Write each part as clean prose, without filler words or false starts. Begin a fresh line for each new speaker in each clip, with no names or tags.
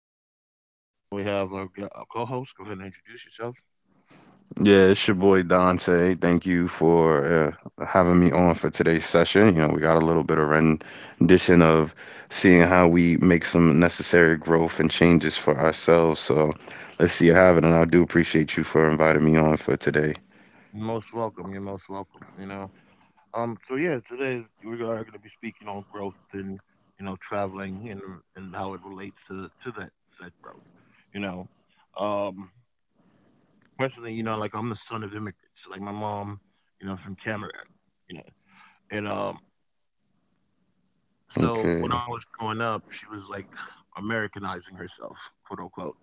is Jurash, and we have our, our co-host. Go ahead and introduce yourself.
Yeah, it's your boy Dante. Thank you for having me on for today's session. You know, we got a little bit of rendition of seeing how we make some necessary growth and changes for ourselves. So let's see you have it. And I do appreciate you for inviting me on for today.
You're most welcome. You're most welcome. So yeah, today is, we are going to be speaking on growth and traveling and how it relates to that said growth. You know, um, Personally, you know, like I'm the son of immigrants. Like my mom, you know, from Cameroon. You know, and So
Okay.
when I was growing up, she was like Americanizing herself, quote unquote.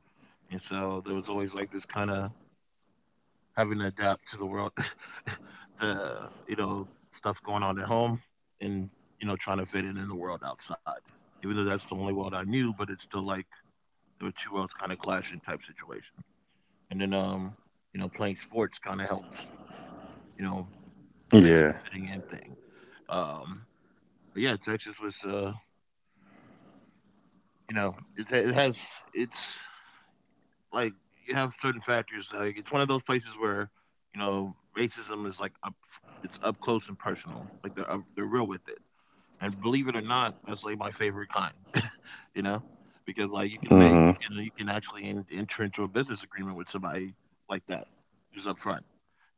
And so there was always like this kind of having to adapt to the world, the you know, stuff going on at home and, you know, trying to fit in the world outside. Even though that's the only world I knew, but it's still like there were two worlds kind of clashing type situation. And then, um, you know, playing sports kind of helped, you know, fix the
Yeah.
fitting in thing. Um, but yeah, Texas was, you know, it has, it's, like you have certain factors. Like it's one of those places where you know racism is like up, it's up close and personal. Like they're up, they're real with it. And believe it or not, that's like my favorite kind, you know, because like you
Mm-hmm.
can actually enter into a business agreement with somebody like that who's upfront,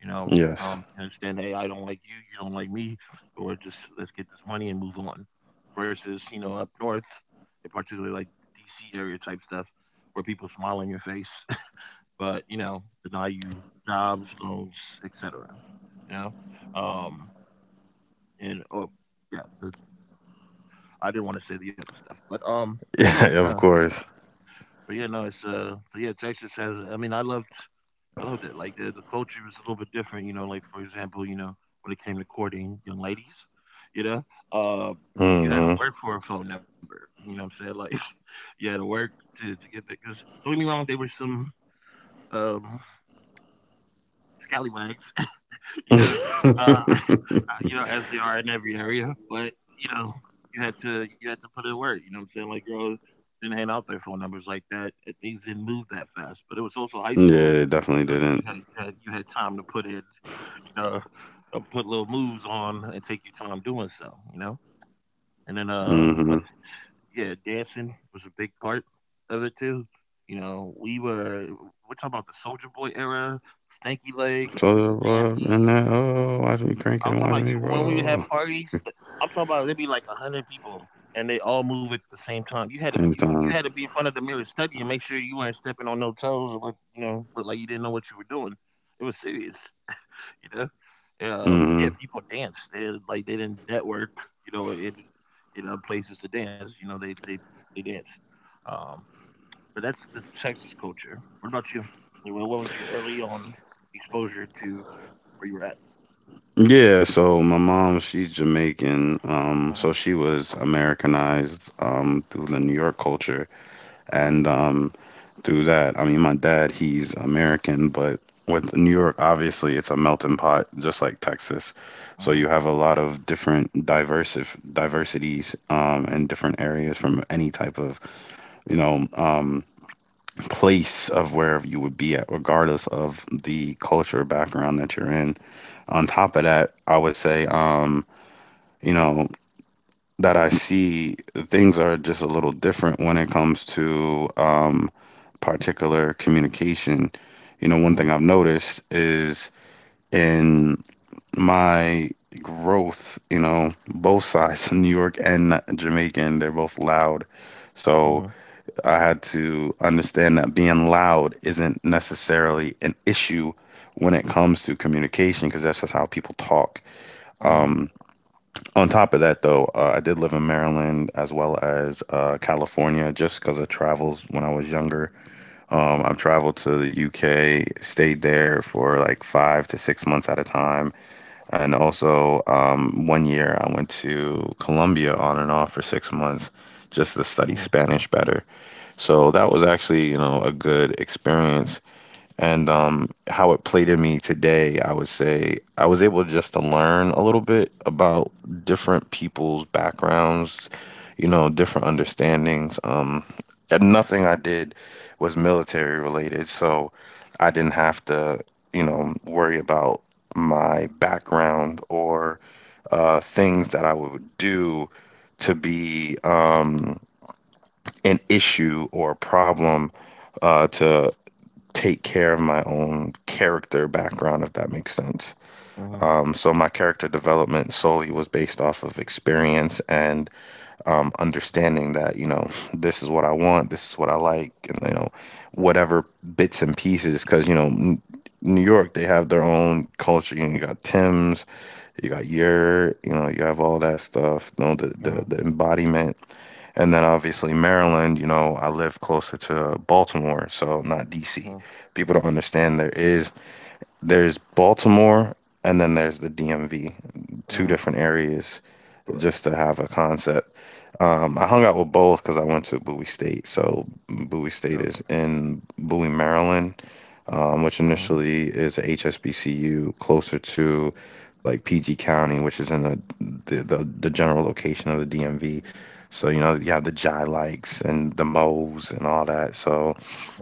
Yes.
and understand, hey, I don't like you don't like me, or just let's get this money and move on. Versus you know up north, and particularly like DC area type stuff, where people smile in your face, but you know deny you jobs, loans, et cetera. You know, um, and oh yeah, the I didn't wanna say the other stuff, but, yeah,
Yeah, of
no,
course.
it's, so yeah, Texas has I mean, I loved it, like, the culture was a little bit different, you know, like, for example, you know, when it came to courting young ladies, you know, uh, you had to
Mm-hmm.
work for a phone number, you know what I'm saying? Like, you had to work to get that. Because 'cause don't get me wrong, they were some, um, scallywags. you know, uh, uh, you know, as they are in every area. But you know, you had to put in work. You know what I'm saying? Like, girls didn't hand out their phone numbers like that. And things didn't move that fast. But it was also high
Yeah,
school.
they definitely
You know, so
didn't.
you had time to put in, you know, put little moves on and take your time doing so. You know, and then what?
Mm-hmm.
Yeah, dancing was a big part of it too. You know, we're talking about the Soldier Boy era, Stanky Leg,
So, and
Bambi.
that, oh, watch me crank it,
I'm talking
watch
about
me
you when we
roll.
have parties, th- I'm talking about there'd be like 100 people and they all move at the same time. You had
Anytime.
to be in front of the mirror study and make sure you weren't stepping on no toes or look, you know, look like you didn't know what you were doing. It was serious, you know. Yeah,
Mhm.
people dance. They didn't, like they didn't network, you know, in places to dance. You know, they danced. Um, but that's the Texas culture. What about you? Like, what was your early on exposure to where you were at?
Yeah, so my mom, she's Jamaican. Um,
Uh-huh.
so she was Americanized through the New York culture and through that. I mean, my dad, he's American, but with New York, obviously it's a melting pot just like Texas. So you
Hmm.
have a lot of different diverse diversities and different areas from any type of, you know, um place of wherever you would be at, regardless of the culture background that you're in. On top of that, I would say, you know, that I see things are just a little different when it comes to particular communication. One
Uh
thing I've noticed is in my growth, both sides, New York and Jamaican, they're both loud.
Uh huh. huh.
So I had to understand that being loud isn't necessarily an issue when it comes to communication because that's just how people talk.
Uh huh.
Um, On top of that, though, I did live in Maryland as well as California just because of travels when I was younger. I've traveled to the UK, stayed there for like 5 to 6 months at a time. And also, one year I went to Colombia on and off for 6 months just to
Uh
study Spanish better. So that was actually, a good experience and how it played in me today, I would say I was able just to learn a little bit about different people's backgrounds, different understandings. And nothing I did was military related, so I didn't have to, worry about my background or things that I would do to be an issue or a problem to take care of my own character background, if that makes sense.
huh.
So my character development solely was based off of experience and understanding that this is what I want, this is what I like, and whatever bits and pieces. Because New York, they have their own culture. You got Tim's, you got your, you have all that stuff. You know the the,
Uh
the embodiment. And then obviously Maryland, I live closer to Baltimore, so not
huh.
DC. People don't understand there's Baltimore and then there's the DMV,
Uh
two
huh.
different areas
Correct.
just to have a concept. I hung out with both because I went to Bowie State. So Bowie State
Okay.
is in Bowie, Maryland, which
Uh-huh.
initially is a HSBCU, closer to like PG County, which is in the general location of the DMV. So you have the Jai likes and the Moes and all that. So
Mhm.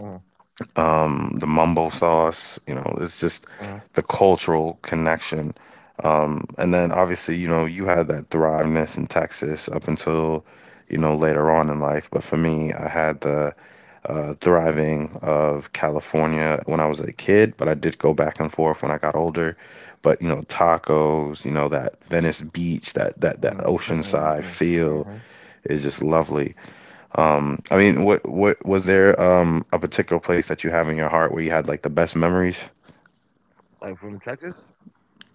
the mumbo sauce, it's just
Mhm.
the cultural connection. And then obviously, you had that thriveness in Texas up until, later on in life. But for me, I had the thriving of California when I was a kid, but I did go back and forth when I got older. But tacos, that Venice Beach, that that that
Uh
oceanside
mm,
feel
mhm.
is just lovely. I mean, what was there a particular place that you have in your heart where you had like the best memories?
Like from Texas.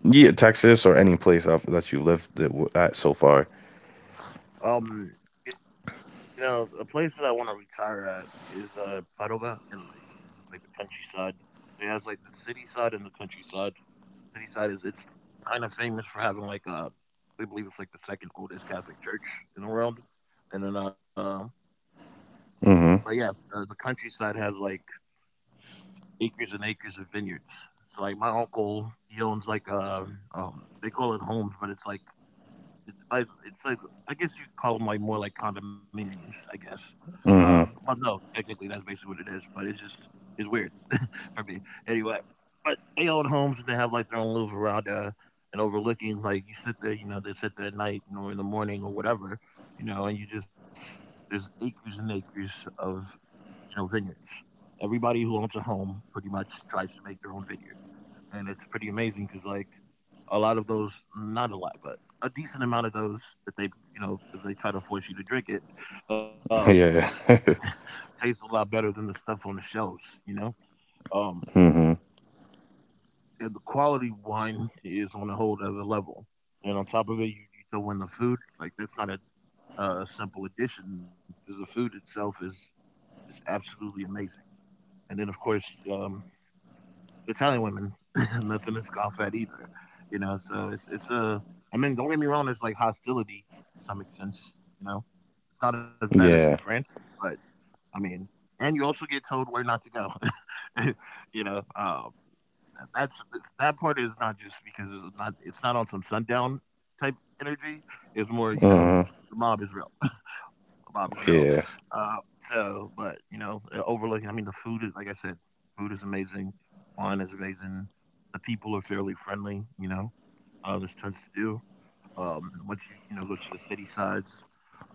Yeah, Texas or any place of, that you lived that at so far.
Um, you know, a place that I want to retire at is Padova, Italy. It's like the countryside. It has like the city side and the countryside. City side is it's kind of famous for having like we believe it's like the second oldest Catholic church in the world. And then but
Mm-hmm.
yeah, the countryside has like acres and acres of vineyards. So like my uncle, he owns like a they call it homes, but it's like it's like I guess you could call them like more like condominiums, I guess.
Mm-hmm.
But no, technically that's basically what it is. But it's just it's weird for me anyway. But they own homes and they have like their own little veranda and overlooking. Like you sit there, you know, they sit there at night you know, in the morning or whatever, you know, and you just there's acres and acres of you know, vineyards. Everybody who owns a home pretty much tries to make their own vineyard, and it's pretty amazing because like a lot of those, not a lot, but a decent amount of those that they, you know, because they try to force you to drink it, uh,
Yeah.
tastes a lot better than the stuff on the shelves, you know. Um,
Mm-hmm.
and the quality wine is on a whole other level. And on top of it, you throw in the food. Like that's not a simple addition because the food itself is just absolutely amazing. And then of course, um, Italian women, nothing to scoff at either, you know. So it's a. I mean, don't get me wrong. There's like hostility to some extent, you know. It's not as bad as in
Yeah.
France, but I mean, and you also get told where not to go, you know. That's that part is not just because it's not on some sundown type energy. It's more you know
Mm-hmm.
the mob is real. the mob is real.
Yeah.
Uh, so, but you know, overlooking. I mean, the food is like I said, food is amazing. Wine is amazing. The people are fairly friendly. You know, there's tons to do. Once you you know go to the city sides,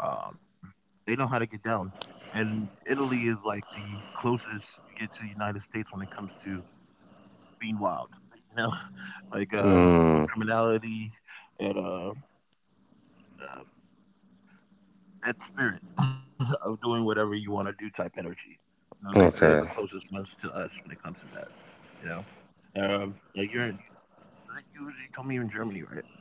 um, they know how to get down. And Italy is like the closest you get to the United States when it comes to being wild, you know, like with
Mm.
criminality and uh, that spirit of doing whatever you want to do type energy. You know, they
Okay.
they're the closest ones to us when it comes to that. You know, like was it you, you told me you're in Germany, right?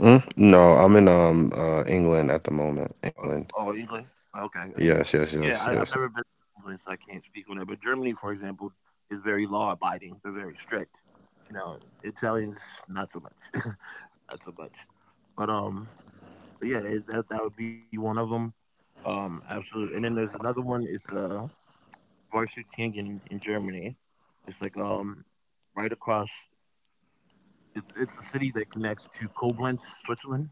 Mm? No, I'm in England at the moment.
Or, oh,
England.
England. Okay, okay.
Yes, yes,
Yeah,
yes,
I've never
yes.
been to England, so I can't speak on that. But Germany, for example, is very law abiding. They're very strict. You know, Italians not so much, not so much. But um, But yeah, that that would be one of them. Absolutely. And then there's another one. It's Varsutingen in Germany. It's like right across. It's a city that connects to Koblenz, Switzerland.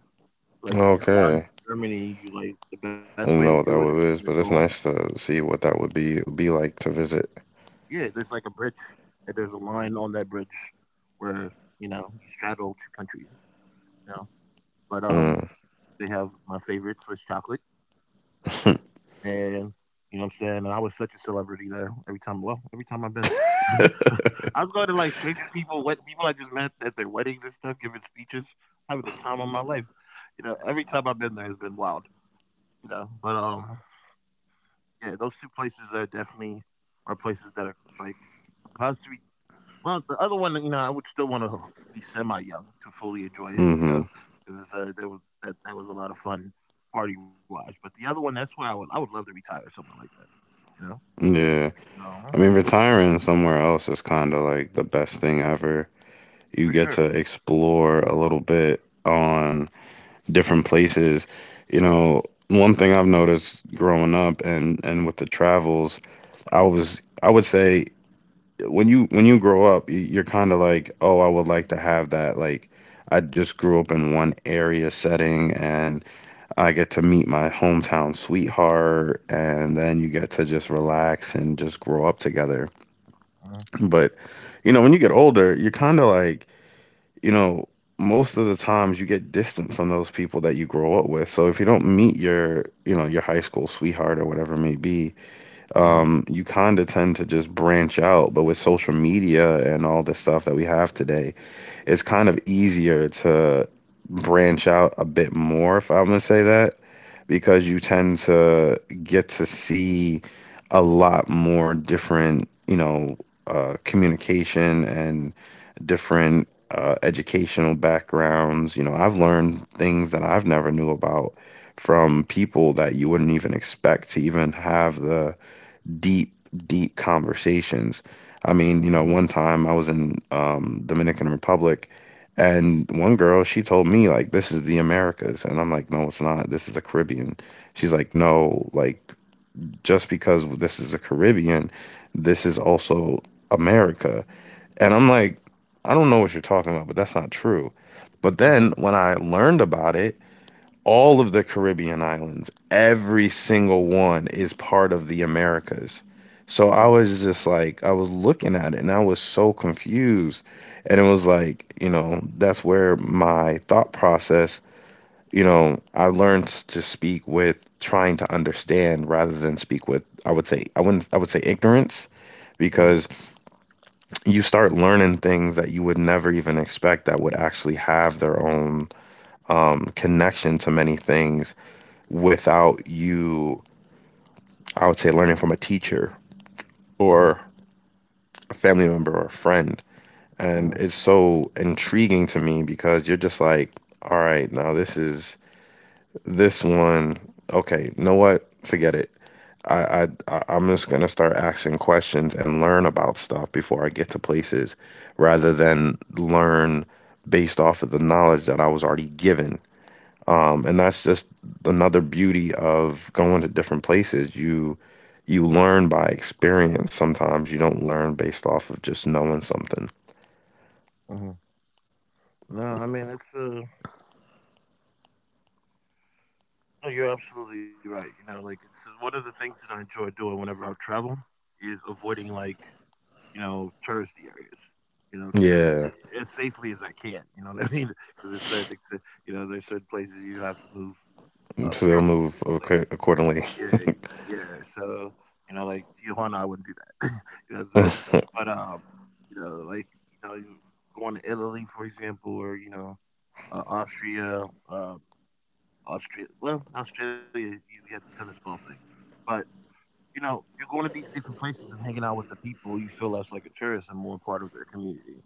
Like if you fly into
Okay.
Germany, you like the best way to
I don't
do
know
it is
what that
to
would is,
go.
but it's nice to see what that would be like to visit.
Yeah, there's like a bridge. And there's a line on that bridge where you know you straddle two countries. You know, but
Mm.
they have my favorite Swiss chocolate. And, you know what I'm saying? And I was such a celebrity there every time well, every time I've been. I was going to, like, strangers people, wed people I just met at their weddings and stuff, giving speeches, having the time of my life. You know, every time I've been there has been wild, you know? Yeah, those two places are definitely are places that are, like, if I was to be well, the other one, you know, I would still wanna be semi-young to fully enjoy it, you
Mm-hmm.
know? Because there was that that was a lot of fun party-wise, but the other one, that's where I would love to retire somewhere like that. You know?
Yeah. I mean,
Uh-huh.
retiring somewhere else is kind of like the best thing ever. You get
For
to
sure.
explore a little bit on different places. One thing I've noticed growing up and with the travels, I would say when you grow up, you're kind of like, oh, I would like to have that. Like, I just grew up in one area setting, and I get to meet my hometown sweetheart, and then you get to just relax and just grow up together.
Uh-huh.
But, when you get older, you're kind of like, you know, most of the times you get distant from those people that you grow up with. So if you don't meet your, your high school sweetheart or whatever it may be,
Uh-huh.
you kind of tend to just branch out. But with social media and all the stuff that we have today, it's kind of easier to branch out a bit more, if I'm gonna say that, because you tend to get to see a lot more different, communication and different educational backgrounds. I've learned things that I've never knew about from people that you wouldn't even expect to even have the deep, deep conversations. I mean,
Uh-huh.
one time I was in Dominican Republic, and one girl she told me like, "This is the Americas," and I'm like, "No, it's not. This is the Caribbean." She's like, "No, like just because this is the Caribbean, this is also America," and I'm like, "I don't know what you're talking about, but that's not true." But then
Uh-huh.
when I learned about it, all of the Caribbean islands, every single one is part of the Americas. So
Uh-huh.
I was just like, I was looking at it and I was so confused. And it was like, that's where my thought process, I learned to speak with trying to understand rather than speak with, I would say, I wouldn't, I would say ignorance,
Uh-huh.
because you start learning things that you would never even expect that would actually have their own connection to many things without you, I would say, learning from a teacher
Uh-huh.
or a family member or a friend. And
Uh-huh.
it's so intriguing to me because you're just like, all right, now this is this one. Okay, you know what? Forget it. I, I I'm just gonna start asking questions and learn about stuff before I get to places, rather than learn based off of the knowledge that I was already given. And that's just another beauty of going to different places. You learn by experience. Sometimes you don't learn based off of just knowing something.
Uh-huh. No, I mean it's no, you're absolutely right. You know, like it's one of the things that I enjoy doing whenever I travel is avoiding like, you know, touristy areas. You know,
Yeah,
to as safely as I can. You know what I mean? Because there's you know, there's certain places you have to move
so
up
they'll move
carefully.
accordingly.
Yeah, yeah. So, you know, like Tijuana, I wouldn't do that. you know what I'm saying? But you know, like you going to Italy, for example, or you know, Austria, Australia, you have the tennis ball thing, but you know, you're going to these different places and hanging out with the people. You feel less like a tourist and more part of their community.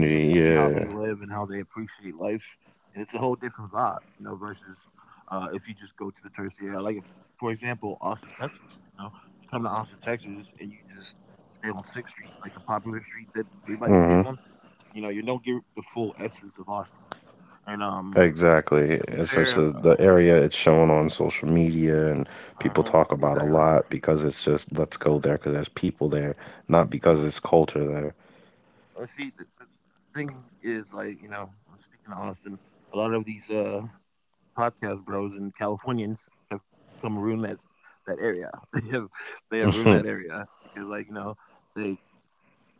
You get to see how
yeah.
they live and how they appreciate life, and it's a whole different vibe, you know, versus if you just go to the tourist area. Like for example, Austin, Texas. You know, you come to Austin, Texas, and you just stay on Sixth Street, like the popular street that everybody stays
Hmm,
on. You know, you don't get the full essence of Austin. And
exactly.
to be
It's such
fair,
a, the area it's shown on social media and
uh
people talk
exactly.
about a lot because it's just let's go there because there's people there, not because
Uh-huh.
it's culture
See, the thing is, like, you know, speaking of Austin, a lot of these podcast bros and Californians have come ruin that area. They have they have ruined that
there.
area because, like, you know, they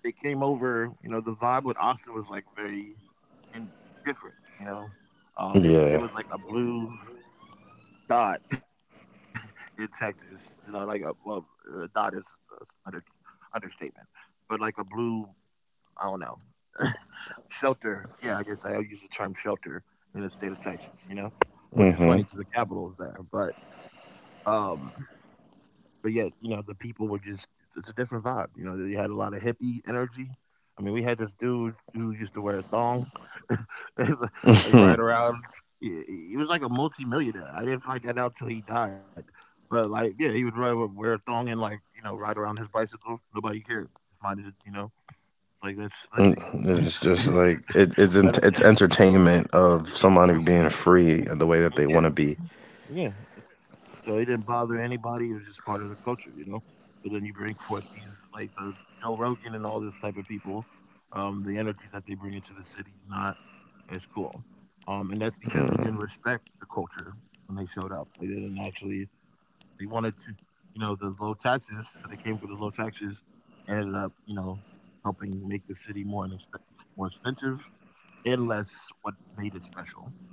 they came over. You know, the vibe with Austin was like very and different. You know, it
Yeah.
was like a blue dot in Texas. You know, like a a dot is uh, under, understatement, but like a blue. I don't know. Shelter. Yeah, I guess I'll use the term shelter in the state of Texas, you know, which is funny
Hmm.
because the capital is there. Um, but yet, you know, the people were just, it's a different vibe. You know, they had a lot of hippie energy. I mean, we had this dude who used to wear a thong, like right around. He, he was like a multimillionaire. I didn't find that out till he died. But like, yeah, he would ride, wear a thong and like, you know, ride around his bicycle. Nobody cared. Just minded it, you know. It's like that's
Mm.
Lindsay.
It's just like it, it's
Let
ent-
him.
it's entertainment of somebody being free the way that
Oh,
they
yeah,
want to be.
yeah. So it didn't bother anybody. It was just part of the culture, you know. But then you bring forth these like the Joe Rogan and all this type of people. The energy that they bring into the city is not as cool, and that's because they
Mm,
didn't respect the culture when they showed up. Like, they didn't actually. They wanted to, you know, the low taxes. So they came for the low taxes, and ended up, you know, helping make the city more expensive and less what made it special,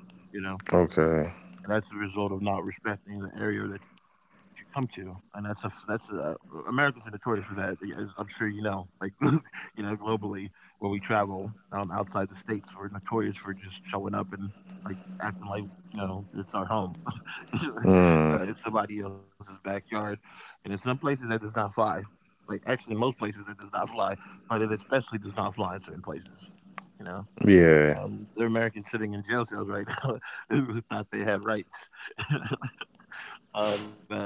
you know,
okay.
and that's the result of not respecting the area that you come to. And Americans are notorious for that, as I'm sure you know. Like you know, globally, where we travel outside the states, we're notorious for just showing up and like acting like you know it's our home,
Mm,
it's somebody else's backyard. And in some places, that does not fly. Like actually, in most places, that does not fly, but it especially does not fly in certain places. You know.
yeah.
They're Americans sitting in jail cells right now who thought they had rights. Oh man,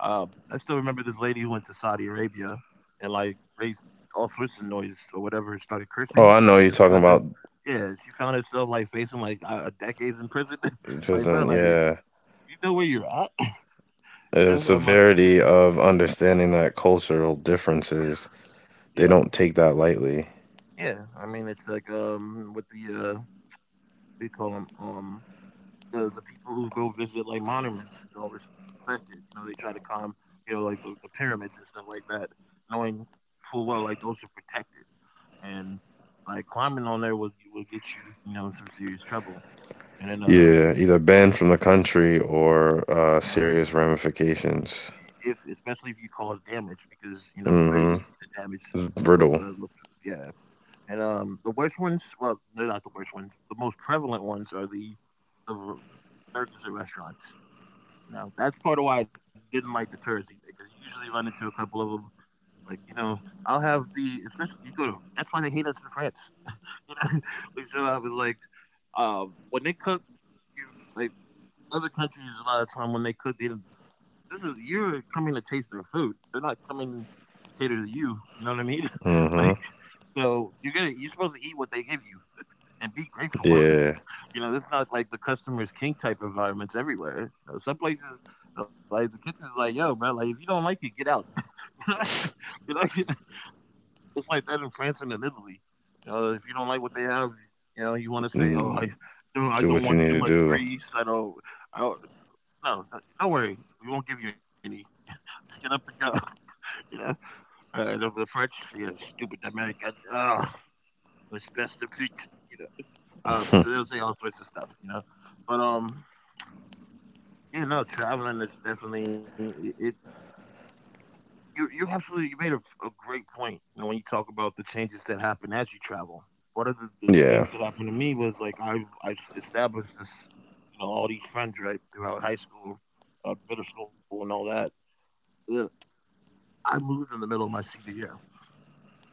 I still remember this lady who went to Saudi Arabia and like raised all sorts of noise or whatever, and started
Oh,
cursing.
I know you're
And she
talking
was a
about
yeah, she found herself like facing like decades in prison. Like, bro,
prison.
like you
Yeah.
know where you're at, you know? Or
The
my
severity of understanding that cultural differences,
yeah,
they don't take that lightly.
yeah. I mean, it's like with the what do you call them? The people who go visit, like, monuments and don't respect it, you know, they try to climb, you know, like, the pyramids and stuff like that, knowing full well, like, those are protected, and, like, climbing on there will get you, you know, in some serious trouble, and then,
Yeah, either
and
banned from the country or serious
uh
ramifications.
if especially if you cause damage because, you know, it's very
Mm-hmm.
easy to damage
It's
those,
brittle.
yeah, and, the worst ones well, they're not the worst ones, the most prevalent ones are the r burgers at restaurants. You know, that's part of why I didn't like the Jersey because you usually run into a couple of them. Like, you know, I'll have the especially you go. That's why they hate us in France. You know, we still have was like, when they cook, you like other countries a lot of time when they cook, they don't- this is you're coming to taste their food. They're not coming to cater to you. You know what I mean? Like,
Mm-hmm.
so you're supposed to eat what they give you and be grateful.
Yeah.
You know, this is not like the customer's king type environments everywhere. You know, some places, like the kitchen's like, yo, bro, like if you don't like it, get out. You know, it's like that in France and in Italy. You know, if you don't like what they have, you know, you want to say, oh,
Mm,
I
do
don't
what you
want too
need
much
to
grease. I don't, no, no, don't worry. We won't give you any. Just get up and go. You know, and of the French, yeah, stupid American. Oh, it's best of feet. You know, so
do.
they'll say all sorts of stuff. You know, but yeah, no, traveling is definitely it. It you absolutely you made a great point. You know, when you talk about the changes that happen as you travel, one of the
Yeah.
things that happened to me was like established this, you know, all these friends right throughout high school, middle school, and all that. Yeah, I moved in the middle of my senior year,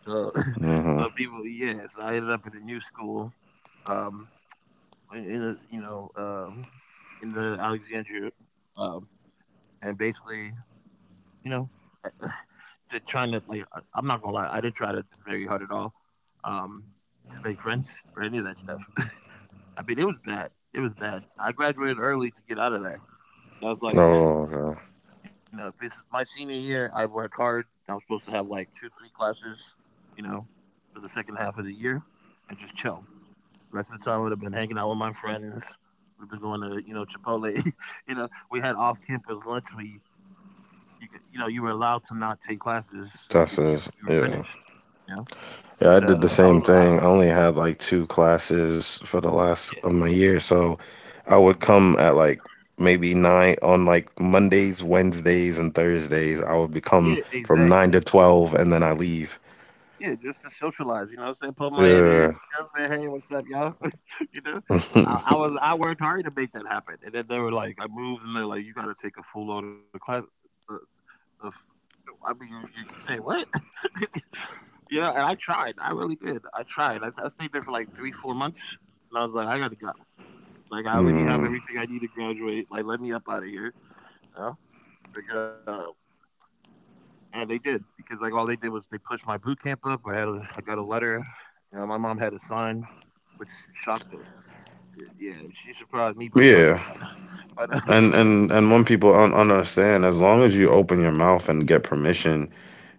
so
Hmm.
so people, yeah, so I ended up in a new school, um, in, you know, in the Alexandria, um, and basically, you know. To trying to like I'm not gonna lie, I didn't try to very hard at all um, to make friends or any of that stuff. I mean, it was bad. It was bad. I graduated early to get out of there. I was
Oh,
like,
okay.
you know, this is my senior year. I worked hard. I was supposed to have like two, three classes, you know, for the second half of the year and just chill. The rest of the time, I would have been hanging out with my friends. Would have been going to, you know, Chipotle. You know, we had off-campus lunch. You, you know, you were allowed to not take classes if
That's
you were
is.
finished.
Yeah.
Yeah. And
Yeah, I did
so
the
I was
same
like
thing. I only had like two classes for the last of my year, so I would come at like maybe 9 on like Mondays, Wednesdays, and Thursdays. I would
yeah, yeah,
become from
exactly.
9 to 12, and then I leave.
Yeah, just to socialize, you know what I'm saying? Put my head in, you know
Yeah.
what I'm saying? "Hey, what's up, y'all?" You know? I was I worked hard to make that happen, and then they were like I moved, and they're like, "You gotta take a full load of class of of" I mean, you you say what? You know, and I tried. I really did. I tried. I stayed there for, like, 3, 4 months, and I was like, "I gotta go. Like, I already have
Hmm.
everything I need to graduate. Like, let me up out of here." You know? Like, uh, and they did because like all they did was they pushed my boot camp up. I had I got a letter. You know, my mom had a sign, which shocked the yeah. She surprised me by signing
Yeah.
that. But
And when people don't understand, as long as you open your mouth and get permission,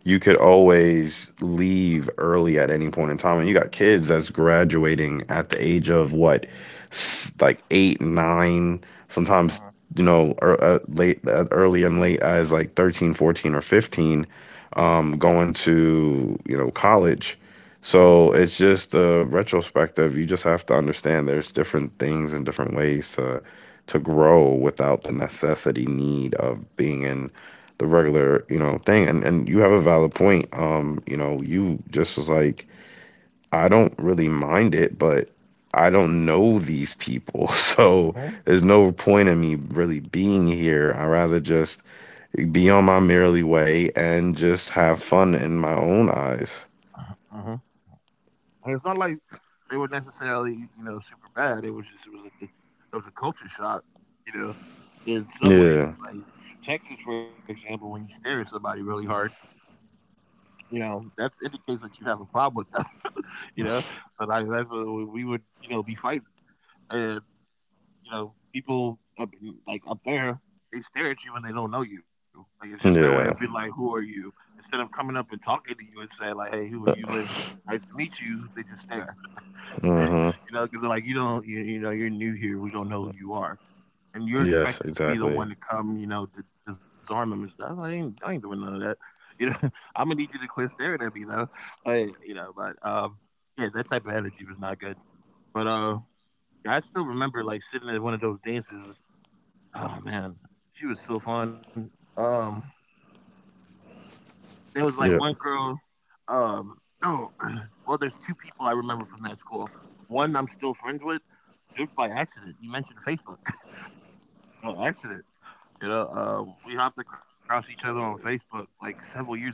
you could always leave early at any point in time. And you got kids that's graduating at the age of what, like 8, 9, sometimes,
uh-huh,
late, early and late as like 13, 14, or 15, going to, college.
uh-huh,
So it's just a retrospective. You just have to understand there's different things and different ways to grow without the necessity need of being in the regular, thing. And you have a valid point. You just was like, I don't really mind it, but I don't know these people. So
uh-huh,
there's no point in me really being here. I'd rather just be on my merely way and just have fun in my own eyes.
uh-huh. And it's not like they were necessarily you know super bad. It was just it was a culture shock. You know, in some ways,
Yeah.
like for Texas, for example, when you stare at somebody really hard, you know that's indicates that you have a problem with them. You know, but I that's a, we would you know be fighting. Uh, you know, like up there, they stare at you when they don't know you. Like it's just their way of being
Yeah.
like, "Who are you?" Instead of coming up and talking to you and saying like, "Hey, who are you? Live nice to meet you." They just stare, you
Mm-hmm.
know, because they're like, "You don't, you know, you're new here. We don't know who you are." And you're
Yes,
expected to be the
exactly.
one to come, you know, to disarm them and stuff. I ain't doing none of that. You know, I'm gonna need you to quit staring at me though. But you know, but yeah, that type of energy was not good. But yeah, I still remember like sitting at one of those dances. Oh man, she was so fun. Um, there was like one
Yep.
girl. Um, oh, well, there's two people I remember from that school. One I'm still friends with, just by accident. You mentioned Facebook, by accident. You know, we hopped across each other on Facebook like several years ago,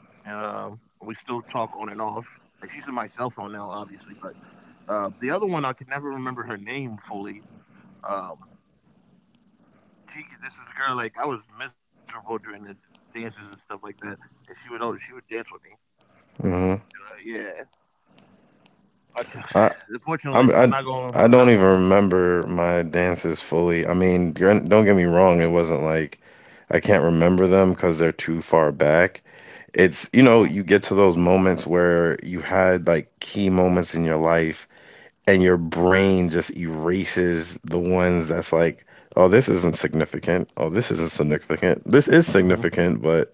and we still talk on and off. Like she's in my cell phone now, obviously, but the other one I could never remember her name fully. Um, she this is a girl like I was miserable during the dances and stuff like that, and she would she would dance with me.
Mm-hmm.
Yeah, I
I
unfortunately,
I'm
I'm not going.
I
I'm
don't
not
even
going.
remember my dances fully. I mean, don't get me wrong, it wasn't like I can't remember them because they're too far back.
Uh huh.
It's, you know, you get to those moments where you had like key moments in your life and your brain just erases the ones that's like, oh, this isn't significant. Oh, this isn't significant. This is significant, but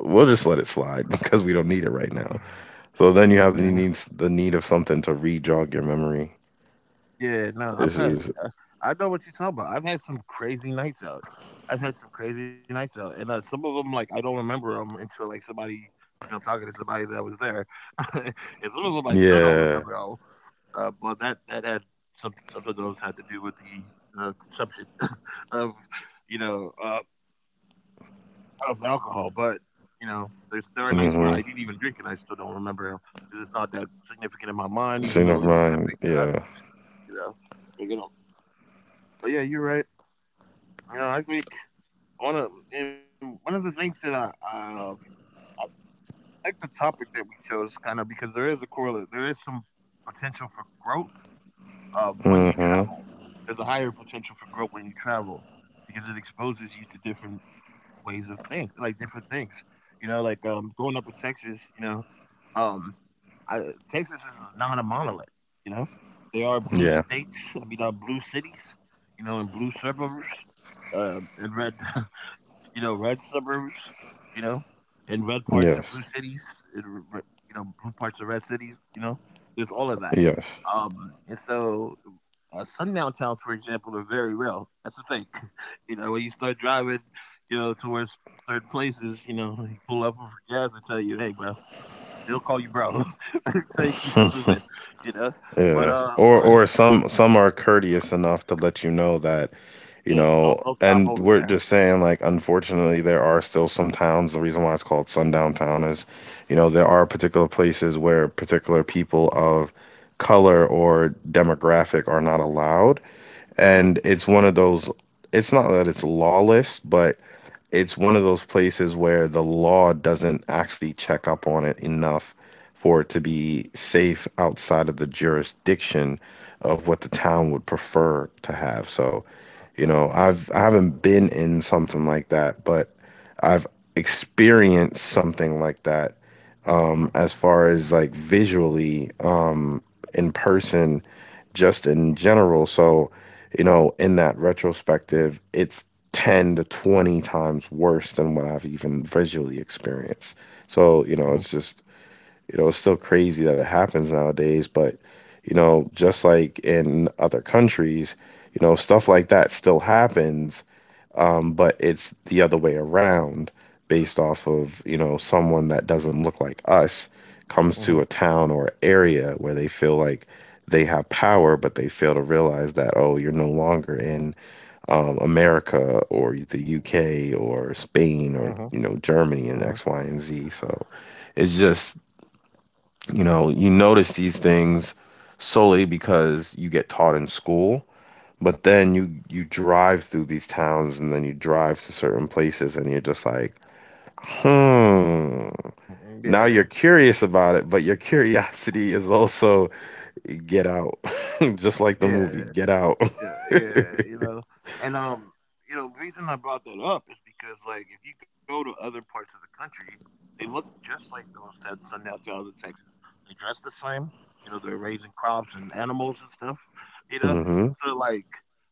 we'll just let it slide because we don't need it right now. So then you have the
Man,
needs the need of something to re-jog your memory.
yeah, no, I've
This
had.
is
I know what you're talking about. I've had some crazy nights out. I've had some crazy nights out, and some of them like I don't remember them until like somebody, you know, I'm talking to somebody that was there, and some of them I still don't
Yeah.
remember. That had some of those had to do with the consumption of you know uh, of alcohol. But you know, there are nights where
Mm-hmm.
I didn't even drink and I still don't remember because it's not that significant in my mind,
Scene
even
of
though it was
mine.
epic to
Yeah.
others. You know, you know. But yeah, you're right. You know, I think one of the things that I like the topic that we chose kind of because there is some potential for growth when you
Mm-hmm.
travel. There's a higher potential for growth when you travel because it exposes you to different ways of think, like different things. You know, like growing up in Texas, you know, um, I, Texas is not a monolith. You know, there are blue
Yeah.
states. Blue cities. You know, and blue suburbs, and red. You know, red suburbs. You know, and red parts of blue
Yes.
cities. And r- r- you know, blue parts of red cities. You know, there's all of that.
Yes.
And so. Sundown towns, for example, are very real. That's the thing. You know, when you start driving, you know, towards certain places, you know, you pull up for gas and tell you, "Hey, bro," they'll call you bro. So you keep it moving, you know. But
Yeah. Or some are courteous enough to let you know that, you
yeah,
know,
don't stop
and
over
we're
there.
just saying like unfortunately there are still some towns, the reason why it's called Sundown Town is, you know, there are particular places where particular people of color or demographic are not allowed.
Uh Uh
And it's one of those it's not that it's lawless, but it's one of those places where the law doesn't actually check up on it enough for it to be safe outside of the jurisdiction of what the town would prefer to have. So,
huh.
you
Huh.
know, I haven't been in something like that, but I've experienced something like that as far as like visually, in person, just in general. So, you know, in that retrospective, it's 10 to 20 times worse than what I've even visually experienced. So, you
Mhm,
know, it's just, you know, it's still crazy that it happens nowadays, but you know, just like in other countries, you know, stuff like that still happens, but it's the other way around based off of, you know, someone that doesn't look like us comes
mhm,
to a town or area where they feel like they have power, but they fail to realize that, oh, you're no longer in, America, or the UK, or
mhm,
Spain,
mhm,
or, you know, Germany,
mhm,
and X, Y, and Z. So it's just, you know, you notice these things solely because you get taught in school, but then you drive through these towns and then you drive to certain places and you're just like, hmm.
mhm,
Now
mhm.
you're curious about it, but your curiosity is also get out, just like the
Yeah,
movie,
yeah.
Get Out.
Yeah, yeah, you know, and you know, the reason I brought that up is because like if you go to other parts of the country, they look just like those sundown cows in Texas. They dress the same. You know, they're raising crops and animals and stuff. You know,
Hmm.
so like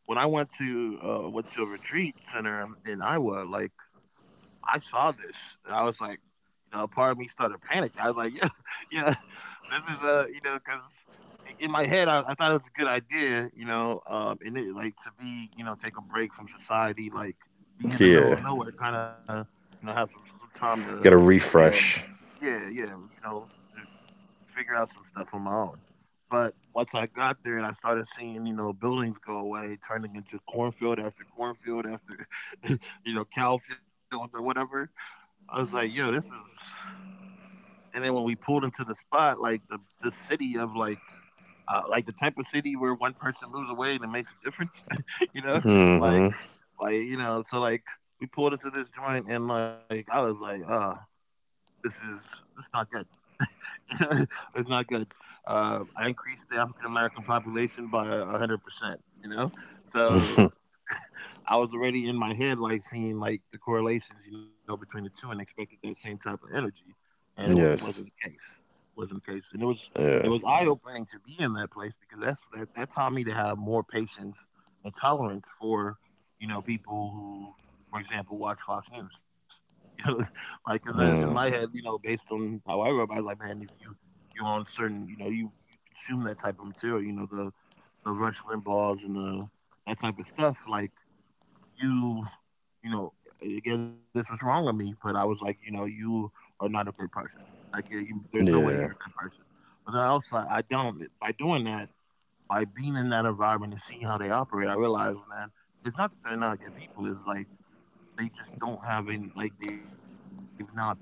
when I went to went to a retreat center in Iowa, like I saw this, and I was like, you know, a part of me started panicking. I was like, yeah, yeah, this is you know, because in my head I thought it was a good idea, you know, and it, like to be, you know, take a break from society, like be in the middle
Yeah,
of nowhere, kind of, you know, have some time to,
get a
you know,
refresh.
yeah, yeah, you know, figure out some stuff on my own. But once I got there and I started seeing, you know, buildings go away, turning into cornfield after cornfield after, you know, cow field or whatever, I was like, "Yo, this is." And then when we pulled into the spot, like the city of like the type of city where one person moves away and it makes a difference, you know, like
Hmm.
like you know, so like we pulled into this joint and like I was like, this is it's not good. It's not good." I increased the African American population by 100%, you know, so I was already in my head like seeing like the correlations, you know, between the two, and expected that same type of energy, and it wasn't
Yes.
the case. Wasn't the case, and it
Yeah.
was eye opening to be in that place because that taught me to have more patience and tolerance for you know people who, for example, watch Fox News. You know, like because in my
Mm.
head, you know, based on how I grew up, I was like, man, if you you're on certain, you know, you consume that type of material, you know, the Rush Limbaughs and the that type of stuff, like you, you know, again, this was wrong of me, but I was like, you know, you are not a good person. Like, there's no way
Yeah.
you're a good person. But then I also, I don't, by doing that, by being in that environment and seeing how they operate, I realized, man, it's not that they're not good people. It's like they just don't have any like, they've not been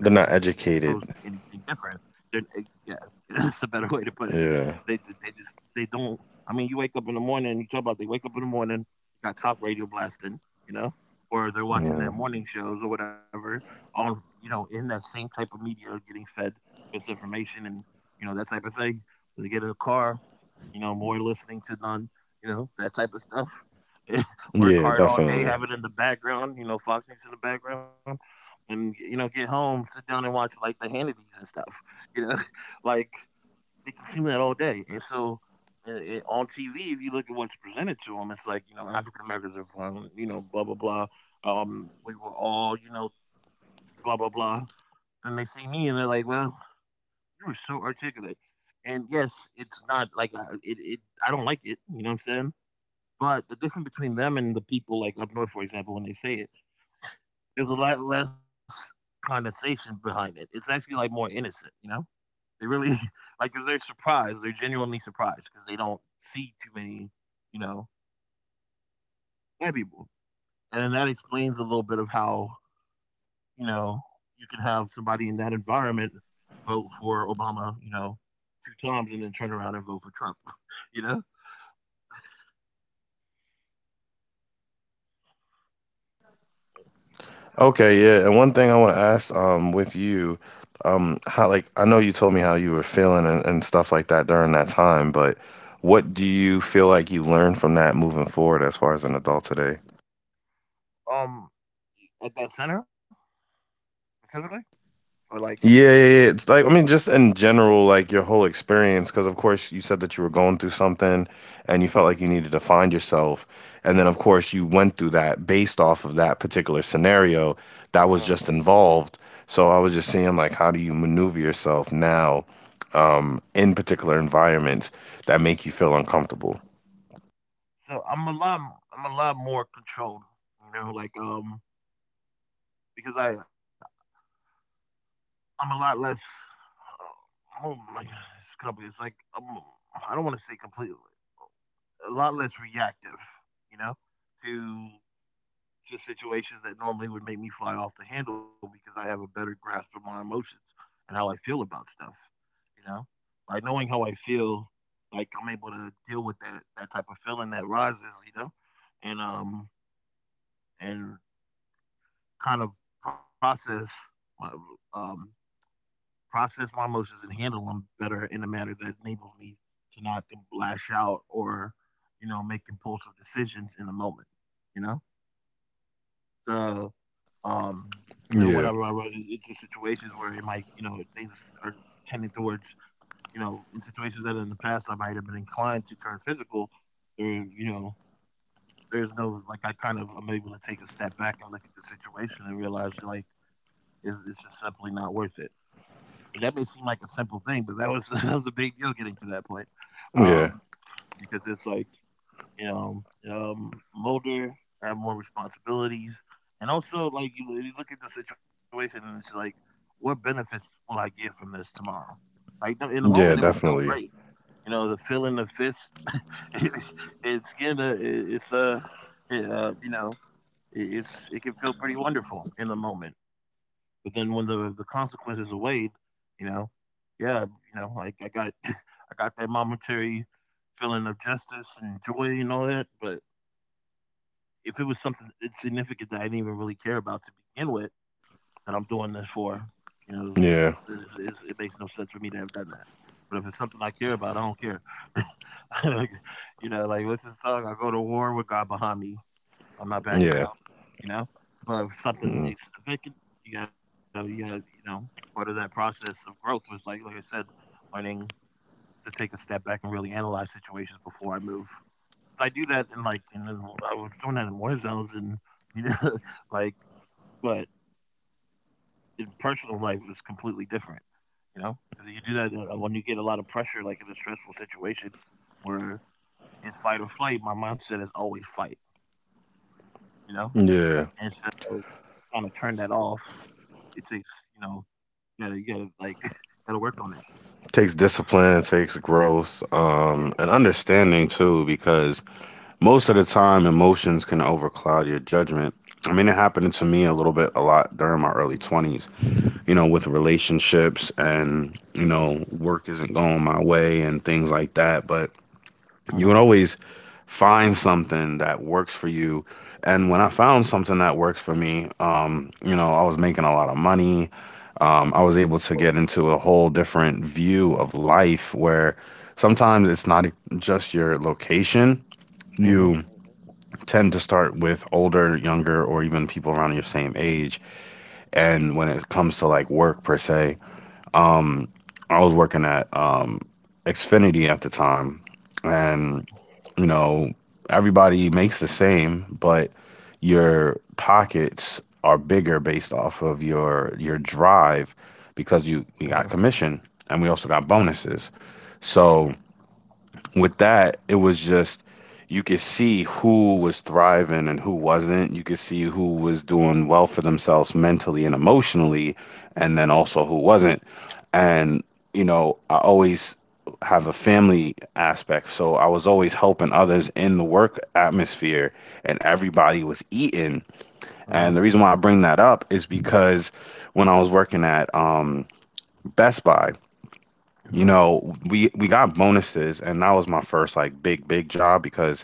They're
to
not
anything
educated.
different. They're eh, yeah, that's a better way to put it. They d
Yeah.
they just they don't I mean, you wake up in the morning and you talk about they wake up in the morning, you got talk radio blasting, you know, or they're watching
Mm.
their morning shows or whatever, on you know, in that same type of media getting fed misinformation and, you know, that type of thing. They get in a car, you know, more listening to none, you know, that type of stuff. Work
Yeah,
hard all day,
definitely.
have it in the background, you know, Fox News in the background, and you know, get home, sit down and watch like the Hannity's and stuff. You know, like they consume that all day, and so on TV, if you look at what's presented to them, it's like you know, African Americans are fun, you know, blah blah blah. We were all, you know, blah blah blah, and they see me and they're like, well, you were so articulate. And yes, it. I don't like it. You know what I'm saying? But the difference between them and the people like up north, for example, when they say it, there's a lot less condensation behind it. It's actually like more innocent, you know? They really like 'cause they're surprised. They're genuinely surprised because they don't see too many, you know, white people. And then that explains a little bit of how, you know, you could have somebody in that environment vote for Obama, you know, two times and then turn around and vote for Trump, you know?
Okay, yeah. And one thing I want to ask, with you, how, like, I know you told me how you were feeling and, stuff like that during that time, but what do you feel like you learned from that moving forward as far as an adult today?
Um at that center specifically? Or like in,
Yeah, yeah, yeah. Like, I mean, just in general, like your whole experience, because of course you said that you were going through something and you
yeah.
felt like you needed to find yourself. And then, of course, you went through that based off of that particular scenario that was
Uh-huh.
just involved. So I was just seeing, like, how do you maneuver yourself now, in particular environments that make you feel uncomfortable?
So I'm a lot more controlled, you know, like because I'm a lot less oh my god, it's company it's like I'm I don't want to say completely a lot less reactive, you know, to to situations that normally would make me fly off the handle because I have a better grasp of my emotions and how I feel about stuff, you know. By knowing how I feel, like I'm able to deal with that type of feeling that rises, you know, and um and kind of process my um, process my emotions and handle them better in a manner that enables me to not then lash out or you know make impulsive decisions in the moment. You know, so you know whenever I
Yeah,
run into situations where it might you know things are tending towards you know in situations that in the past I might have been inclined to turn physical, there, you know there's no like I kind of I'm able to take a step back and look at the situation and realize like it's just simply not worth it. And that may seem like a simple thing, but that was that was a big deal getting to that point,
yeah,
um, because it's like you know, I'm older, I have more responsibilities, and also like you look at the situation and it's like, what benefits will I get from this tomorrow? Like no- in the moment, it will
yeah,
feel great,
definitely.
you know, the feeling of fist, it, it's gonna, it- it's it, you know, it's it can feel pretty wonderful in the moment. But then when the consequences are weighed, you know, yeah, you know, like I got I got that momentary feeling of justice and joy and all that. But if it was something insignificant that I didn't even really care about to begin with, that I'm doing this for, you know,
Yeah,
it makes no sense for me to have done that. But if it's something I care about, I don't care. Like, you know, like what's the song? I go to war with God behind me. I'm not backing
yeah,
down, you know? But if something
mm,
is significant, you gotta, part of that process of growth was like I said, learning to take a step back and really analyze situations before I move. 'Cause I do that in like, and then I was doing that in war zones and, you know, like, but in personal life it's completely different, you know? 'Cause you do that when you get a lot of pressure, like in a stressful situation where it's fight or flight, my mindset is always fight, you know?
yeah.
And so, kinda turn that off, it takes, you know, like gotta work on that.
Takes discipline, it takes growth,
Yeah.
and understanding too, because most of the time emotions can overcloud your judgment. I mean, it happened to me a little bit, a lot during my early 20s, you know, with relationships and, you know, work isn't going my way and things like that. But you
Mhm,
can always find something that works for you. And when I found something that works for me, you know, I was making a lot of money. I was able to get into a whole different view of life where sometimes it's not just your location.
mhm,
You tend to start with older, younger, or even people around your same age. And when it comes to like work, per se, um, I was working at, Xfinity at the time. And, you know, everybody makes the same, but your pockets are bigger based off of your drive, because you
mhm,
we got commission and we also got bonuses. So with that, it was just, you could see who was thriving and who wasn't. You could see who was doing well for themselves mentally and emotionally, and then also who wasn't. And, you know, I always have a family aspect. So I was always helping others in the work atmosphere, and everybody was eating.
mhm,
And the reason why I bring that up is because when I was working at, Best Buy,
mhm,
you know, we got bonuses, and that was my first like big big job because,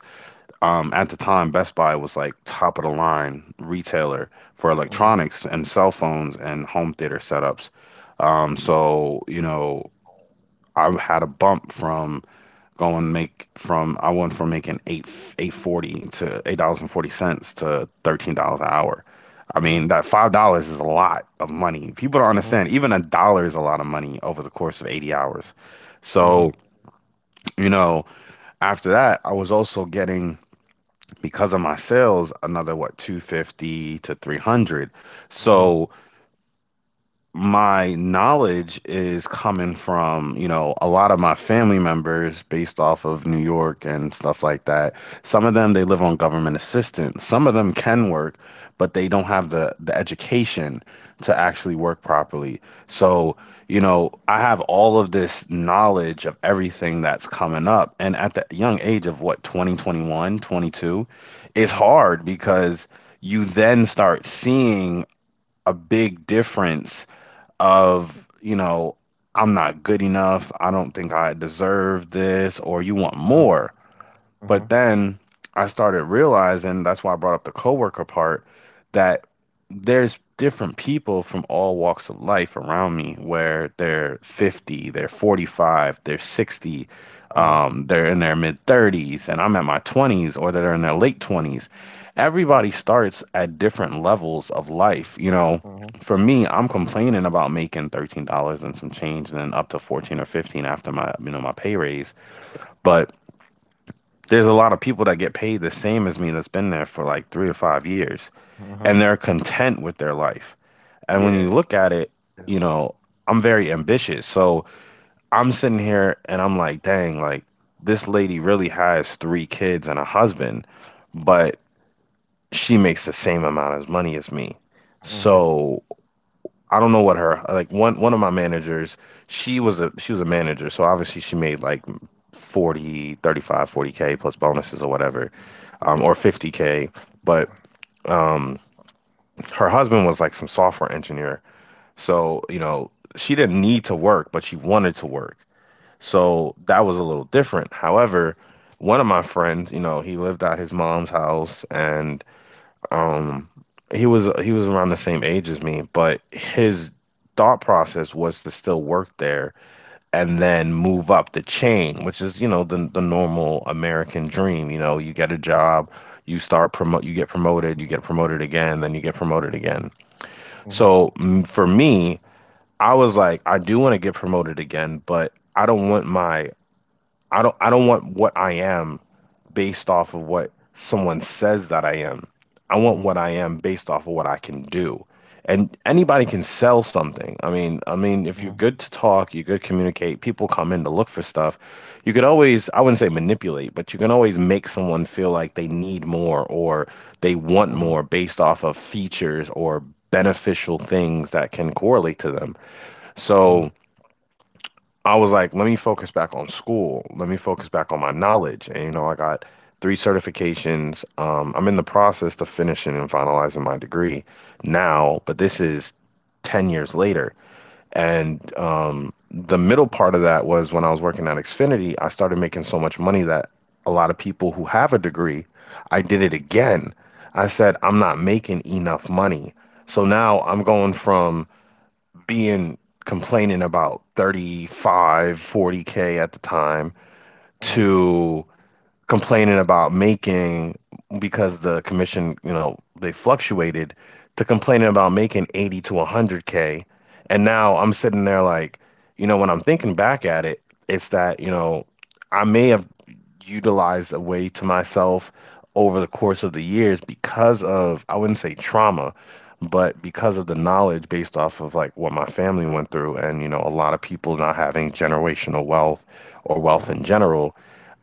at the time, Best Buy was like top of the line retailer for
mhm,
electronics and cell phones and home theater setups, so, you know, I had a bump from going make from I went from making 8, 840 to $8.40 to $13 an hour. I
mhm, mhm,
mean, that $5 is a lot of money.
mhm,
People don't understand. Even a dollar is a lot of money over the course of 80 hours. So, you know, after that, I was also getting, because of my sales, another what, 250 to 300.
mhm, mhm,
So my knowledge is coming from, you know, a lot of my family members based off of New York and stuff like that. Some of them, they live on government assistance. Some of them can work, but they don't have the education to actually work properly. So, you know, I have all of this knowledge of everything that's coming up, and at the young age of what, 20, 21, 22,
mhm,
it's
mhm,
hard because you then start seeing a big difference of, you know, I'm not good enough. I don't think I deserve this, or you want more. But then I started realizing, that's why I brought up the coworker part, that there's different people from all walks of life around me where they're 50, they're 45, they're 60,
mhm, mhm,
they're in their mid 30s, and I'm at my 20s, or they're in their late 20s. Everybody starts at different levels of life. You know,
mhm,
for me, I'm complaining about making $13 and some change, and then up to 14 or 15 after my, you know, my pay raise. But there's a lot of people that get paid the same as me that's been there for like 3 or 5 years, and
mhm.
they're content with their life. And when you
Yeah.
look at it, you know, I'm very ambitious. So I'm sitting here and I'm like, dang, like, this lady really has three kids and a husband, but she makes the same amount of money as me.
Mhm.
So I don't know what her, like, one of my managers, she was a manager, so obviously she made like 40, 35, 40K plus bonuses or whatever,
Yep.
or 50K. But, um, her husband was like some software engineer. So, you know, she didn't need to work, but she wanted to work. So that was a little different. However, one of my friends, you know, he lived at his mom's house, and, um, he was around the same age as me, but his thought process was to still work there and then move up the chain, which is, you know, the normal American dream. You know, you get a job, you start promote, you get promoted again, then you get promoted again.
Mhm,
So, for me, I was like, I do want to get promoted again, but I don't want what I am based off of what someone says that I am. I want
mhm,
what I am based off of what I can do. And anybody can sell something. I mean,
mhm,
if you're good to talk, you're good to communicate, people come in to look for stuff. You could always, I wouldn't say manipulate, but you can always make someone feel like they need more, or they want
mhm,
more based off of features or beneficial things that can correlate to them.
mhm,
So I was like, let me focus back on school. Let me focus back on my knowledge. And, you know, I got three certifications. I'm in the process of finishing and finalizing my degree now, but this is 10 years later. And, the middle part of that was when I was working at Xfinity, I started making so much money that, a lot of people who have a degree, I did it again. I said, I'm not making enough money. So now I'm going from being complaining about 35, 40K at the time,
mhm,
to complaining about making, because the commission, you know, they fluctuated, to complaining about making 80 to 100K. And now I'm sitting there like, when I'm thinking back at it, it's that, I may have utilized a way to myself over the course of the years because of, I wouldn't say trauma, but because of the knowledge based off of like what my family went through and, a lot of people not having generational wealth or wealth
mhm,
in general.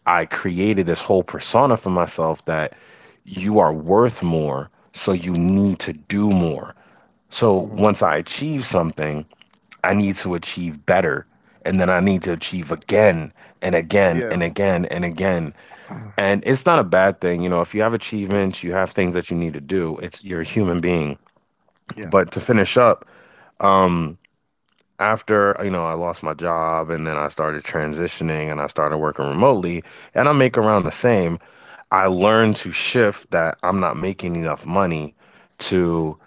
I created this whole persona for myself that you are worth more, so you need to do more. So
mhm.
once I achieve something, I need to achieve better. And then I need to achieve again and again and
Yeah.
again and again. And it's not a bad thing. You know, if you have achievements, you have things that you need to do. It's you're a human being.
Yeah.
But to finish up, um, after, I lost my job and then I started transitioning and I started working remotely and I make around the same. I learned to shift that I'm not making enough money to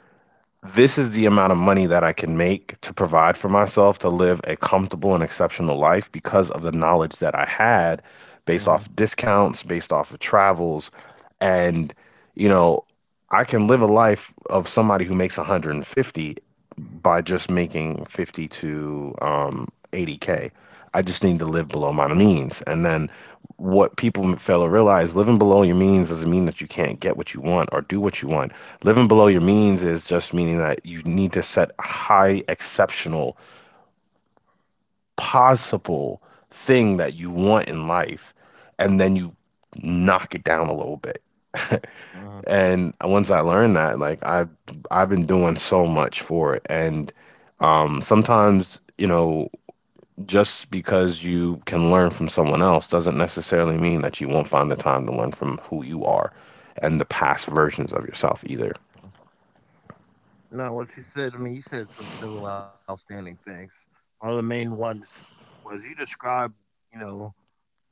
this is the amount of money that I can make to provide for myself to live a comfortable and exceptional life because of the knowledge that I had based
Mhm,
off discounts, based off of travels. And, you know, I can live a life of somebody who makes 150 by just making 50 to 80K. I just need to
mhm,
live below my means. And then what people fail to realize living below your means doesn't mean that you can't get what you want or do what you want. Living below your means is just meaning that you need to set a high, exceptional, possible thing that you want in life, and then you knock it down a little bit.
mhm.
And once I learned that, like I've been doing so much for it, and sometimes just because you can learn from someone else doesn't necessarily mean that you won't find the time to learn from who you are and the past versions of yourself either.
No, what you said, I mean, you said some several outstanding things. One of the main ones was you described, you know,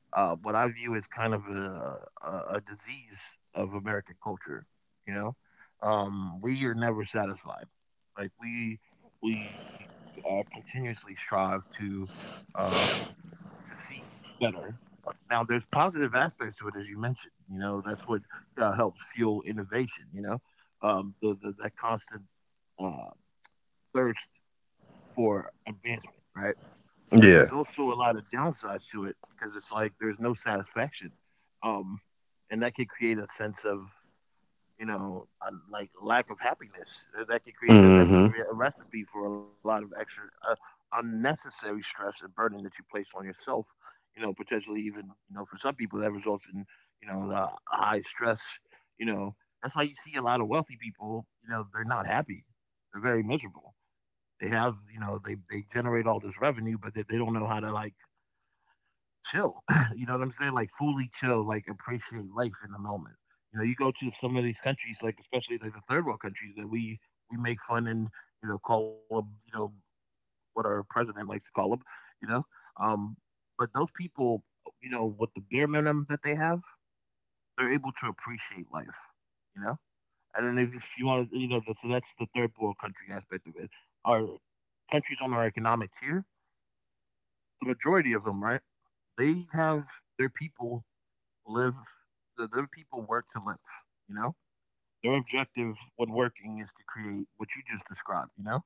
what I view as kind of a, a disease of American culture. You know, we are never satisfied. Like we continuously strive uh, to seek better. Now, there's positive aspects to it, as you mentioned. You know, that's what helps fuel innovation. You know, the that constant uh, thirst for advancement, right? But there's
Yeah.
also a lot of downsides to it because it's like there's no satisfaction, um, and that can create a sense of you know, like lack of happiness that can
Mm
create
hmm.
a, that's a recipe for a lot of extra unnecessary stress and burden that you place on yourself. You know, potentially even you know for some people that results in you know the high stress. You know, that's why you see a lot of wealthy people. You know, they're not happy. They're very miserable. They have you know they generate all this revenue, but they don't know how to like chill. You know what I'm saying? Like fully chill, like appreciate life in the moment. You know, you go to some of these countries, like especially like the third world countries that we make fun and you know call them you know what our president likes to call them, you know. Um, but those people, you know, with the bare minimum that they have, they're able to appreciate life. You know, and then if you want to, you know, so that's the third world country aspect of it. Our countries on our economic tier, the majority of them, right? They have their people live the them people work to live, you know? Their objective when working is to create what you just described, you know?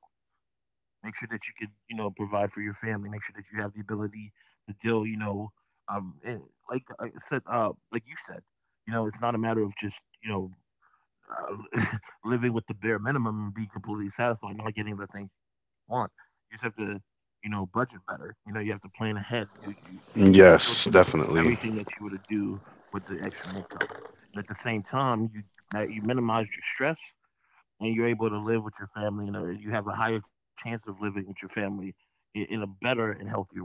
Make sure that you can, you know, provide for your family, make sure that you have the ability to deal, you know, and like you said, you know, it's not a matter of just, you know, um, living with the bare minimum and be completely satisfied, not getting the things you want. You just have to, you know, budget better. You know, you have to plan ahead. You you can still
Yes,
do
definitely.
everything that you would do with the extra income, and at the same time, you that you minimize your stress and you're able to live with your family. You know, you have a higher chance of living with your family in a better and healthier way.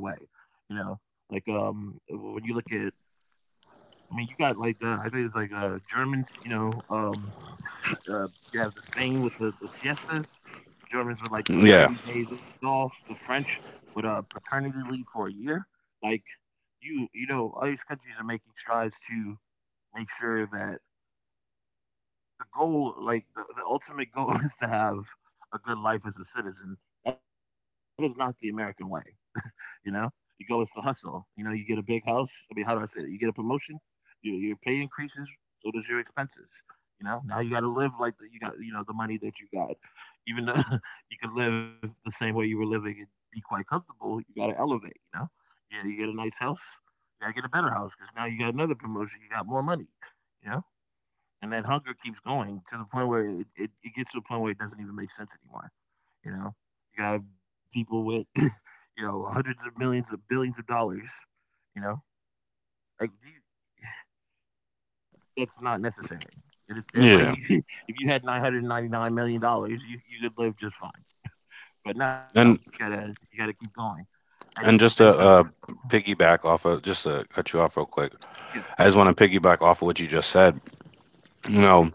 You know, like when you look at I mean, you got like the I think it's like Germans, you know, uh, you have the Spain with the siestas, Germans with like the
Yeah,
30 days off, the French with a paternity leave for a year. Like you know, all these countries are making strides to make sure that the goal like the ultimate goal is to have a good life as a citizen. That is not the American way. You know, you go with the goal is to hustle. You know, you get a big house. I mean, how do I say that? You get a promotion, your pay increases, so does your expenses. You know, now you got to live like the, you got you know the money that you got. Even though you can live the same way you were living and be quite comfortable, you got to elevate. You know, yeah, you get a nice house, you got to get a better house because now you got another promotion, you got more money. You know, and that hunger keeps going to the point where it gets to the point where it doesn't even make sense anymore. You know, you gotta have people with, you know, hundreds of millions of billions of dollars. You know, like do you, that's not necessary. It is understand? Like,
yeah,
if you had $999 million, you could live just fine. But no,
and
you gotta keep going at the
and
expense
just
of
to piggyback off of, just to cut you off real quick,
yeah.
I just want to piggyback off of what you just said. You know,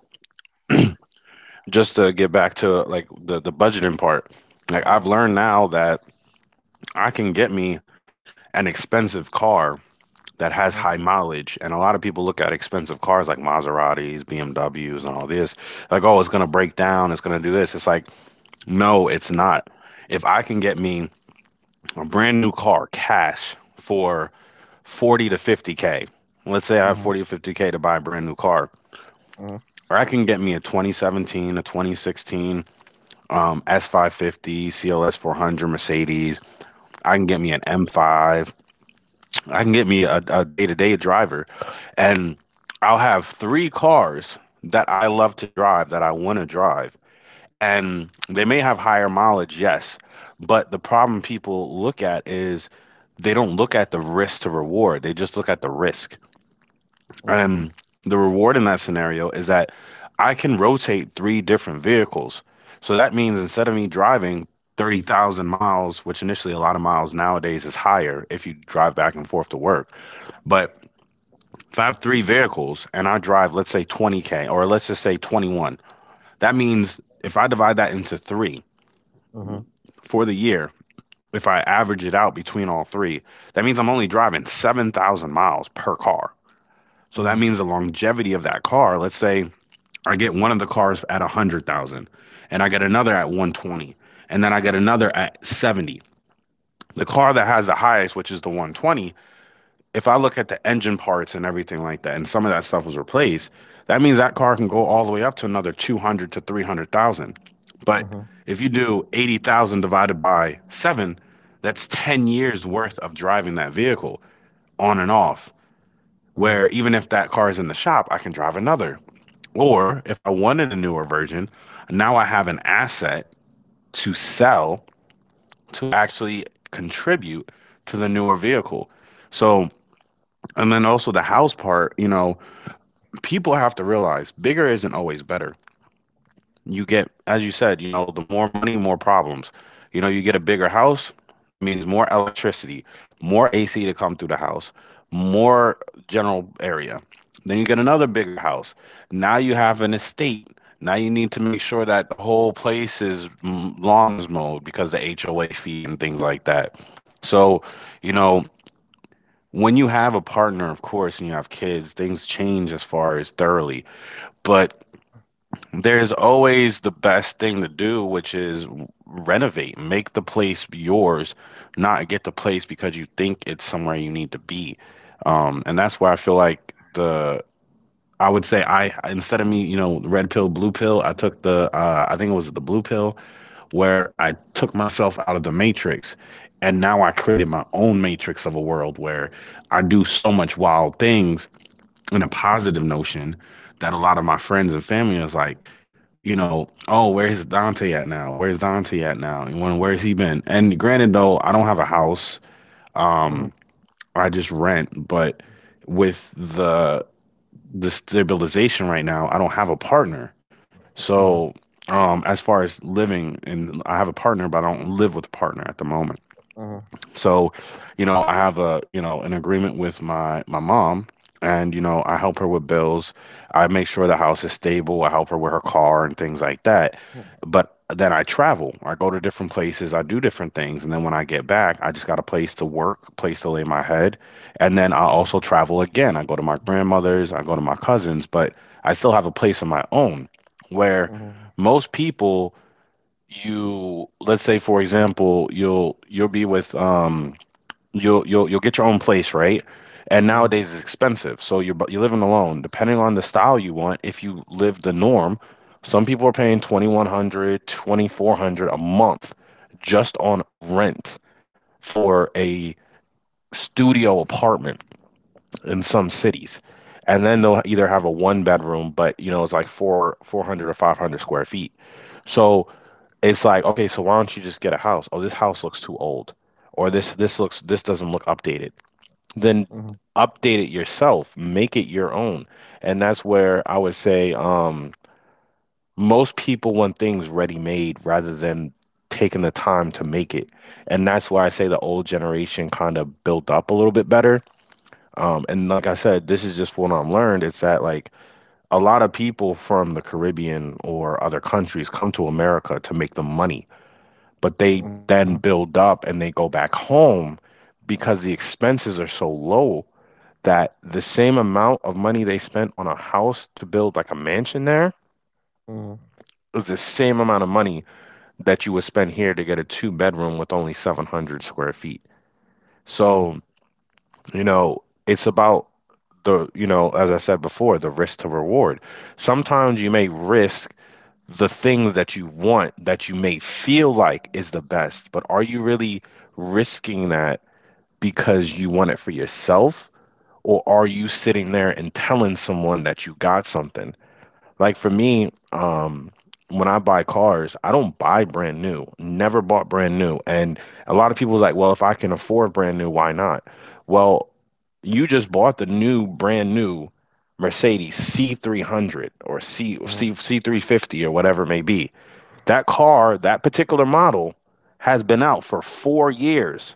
just to get back to like the budgeting part. Like
Uh
I've
huh.
learned now that I can get me an expensive car that
Uh
has
huh.
high mileage, and a lot of people look at expensive cars like Maseratis, BMWs, and all this. Like, oh, it's gonna break down, it's gonna do this. It's like, no, it's not. If I can get me a brand new car cash for 40 to 50K, let's say
Uh
I have
huh.
40 to 50K to buy a brand new car, or I can get me a 2017, a 2016, S550 cls 400 mercedes. I can get me an M5. I can get me a day-to-day driver, and I'll have three cars that I love to drive that I want to drive. And they may have higher mileage, yes, but the problem people look at is they don't look at the risk to reward. They just look at the risk.
Uh huh.
And the reward in that scenario is that I can rotate three different vehicles. So that means instead of me driving 30,000 miles, which initially a lot of miles nowadays is higher if you drive back and forth to work, but if I have three vehicles and I drive, let's say 20K, or let's just say 21, that means if I divide that into three
Uh huh.
for the year, if I average it out between all three, that means I'm only driving 7,000 miles per car.
Uh
So that
huh.
means the longevity of that car, let's say I get one of the cars at 100,000 and I get another at 120 and then I get another at 70. The car that has the highest, which is the 120, if I look at the engine parts and everything like that, and some of that stuff was replaced, that means that car can go all the way up to another 200 to 300,000.
Uh
But
huh.
if you do 80,000 divided by 7, that's 10 years worth of driving that vehicle on and off.
Uh huh.
Where even if that car is in the shop, I can drive another. Or if I wanted a newer version, now I have an asset to sell to actually contribute to the newer vehicle. So, and then also the house part, people have to realize bigger isn't always better. You get, as you said, the more money, more problems. You know, you get a bigger house, that means more electricity, more AC to come through the house, more general area. Then you get another bigger house. Now you have an estate. Now you need to make sure that the whole place is lawn is mowed because the HOA fee and things like that. So, you know, when you have a partner, of course, and you have kids, things change as far as thoroughly. But there's always the best thing to do, which is renovate, make the place yours, not get the place because you think it's somewhere you need to be. And that's where I feel like the I would say I instead of me, red pill, blue pill, I took the I think it was the blue pill where I took myself out of the matrix, and now I created my own matrix of a world where I do so much wild things in a positive notion that a lot of my friends and family is like oh, where's Dante at now? Where's Dante at now? And when where's he been? And granted though, I don't have a house.
Uh huh.
Um, I just rent, but with the stabilization right now, I don't have a partner.
Uh huh.
So, as far as living and I have a partner, but I don't live with a partner at the moment.
Uh huh.
So, I have a, an agreement with my mom and I help her with bills. I make sure the house is stable. I help her with her car and things like that. But then I travel. I go to different places. I do different things. And then when I get back, I just got a place to work, place to lay my head. And then I also travel again. I go to my grandmother's, I go to my cousin's, but I still have a place of my own where
Uh-huh, uh-huh,
most people you let's say for example, you'll be with you'll get your own place, right? And
uh-huh,
nowadays it's expensive, so you're living alone. Depending on the style you want, if you live the norm, some people are paying 2,100, 2,400 a month just on rent for a studio apartment in some cities. And then they'll either have a one bedroom, but you know, it's like four 400 or 500 square feet. So it's like, okay, so why don't you just get a house? Oh, this house looks too old. Or this doesn't look updated, then update it yourself, make it your own. And that's where I would say most people want things ready made rather than taking the time to make it. And that's why I say the old generation kind of built up a little bit better. And like I said, this is just what I have learned. It's that like a lot of people from the Caribbean or other countries come to America to make the money, but they then build up and they go back home because the expenses are so low that the same amount of money they spent on a house to build like a mansion there
uh-huh,
is the same amount of money that you would spend here to get a two-bedroom with only 700 square feet.
uh-huh, uh-huh.
So, you know, it's about the, as I said before, the risk to reward. Sometimes you may risk the things that you want that you may feel like is the best, but are you really risking that because you want it for yourself? Or are you sitting there and telling someone that you got something? Like for me, when I buy cars, I don't buy brand new. Never bought brand new. And a lot of people was like, well, if I can afford brand new, why not? Well, you just bought the new brand new Mercedes C300 or C, C C350 or whatever it may be. That car, that particular model, has been out for 4 years.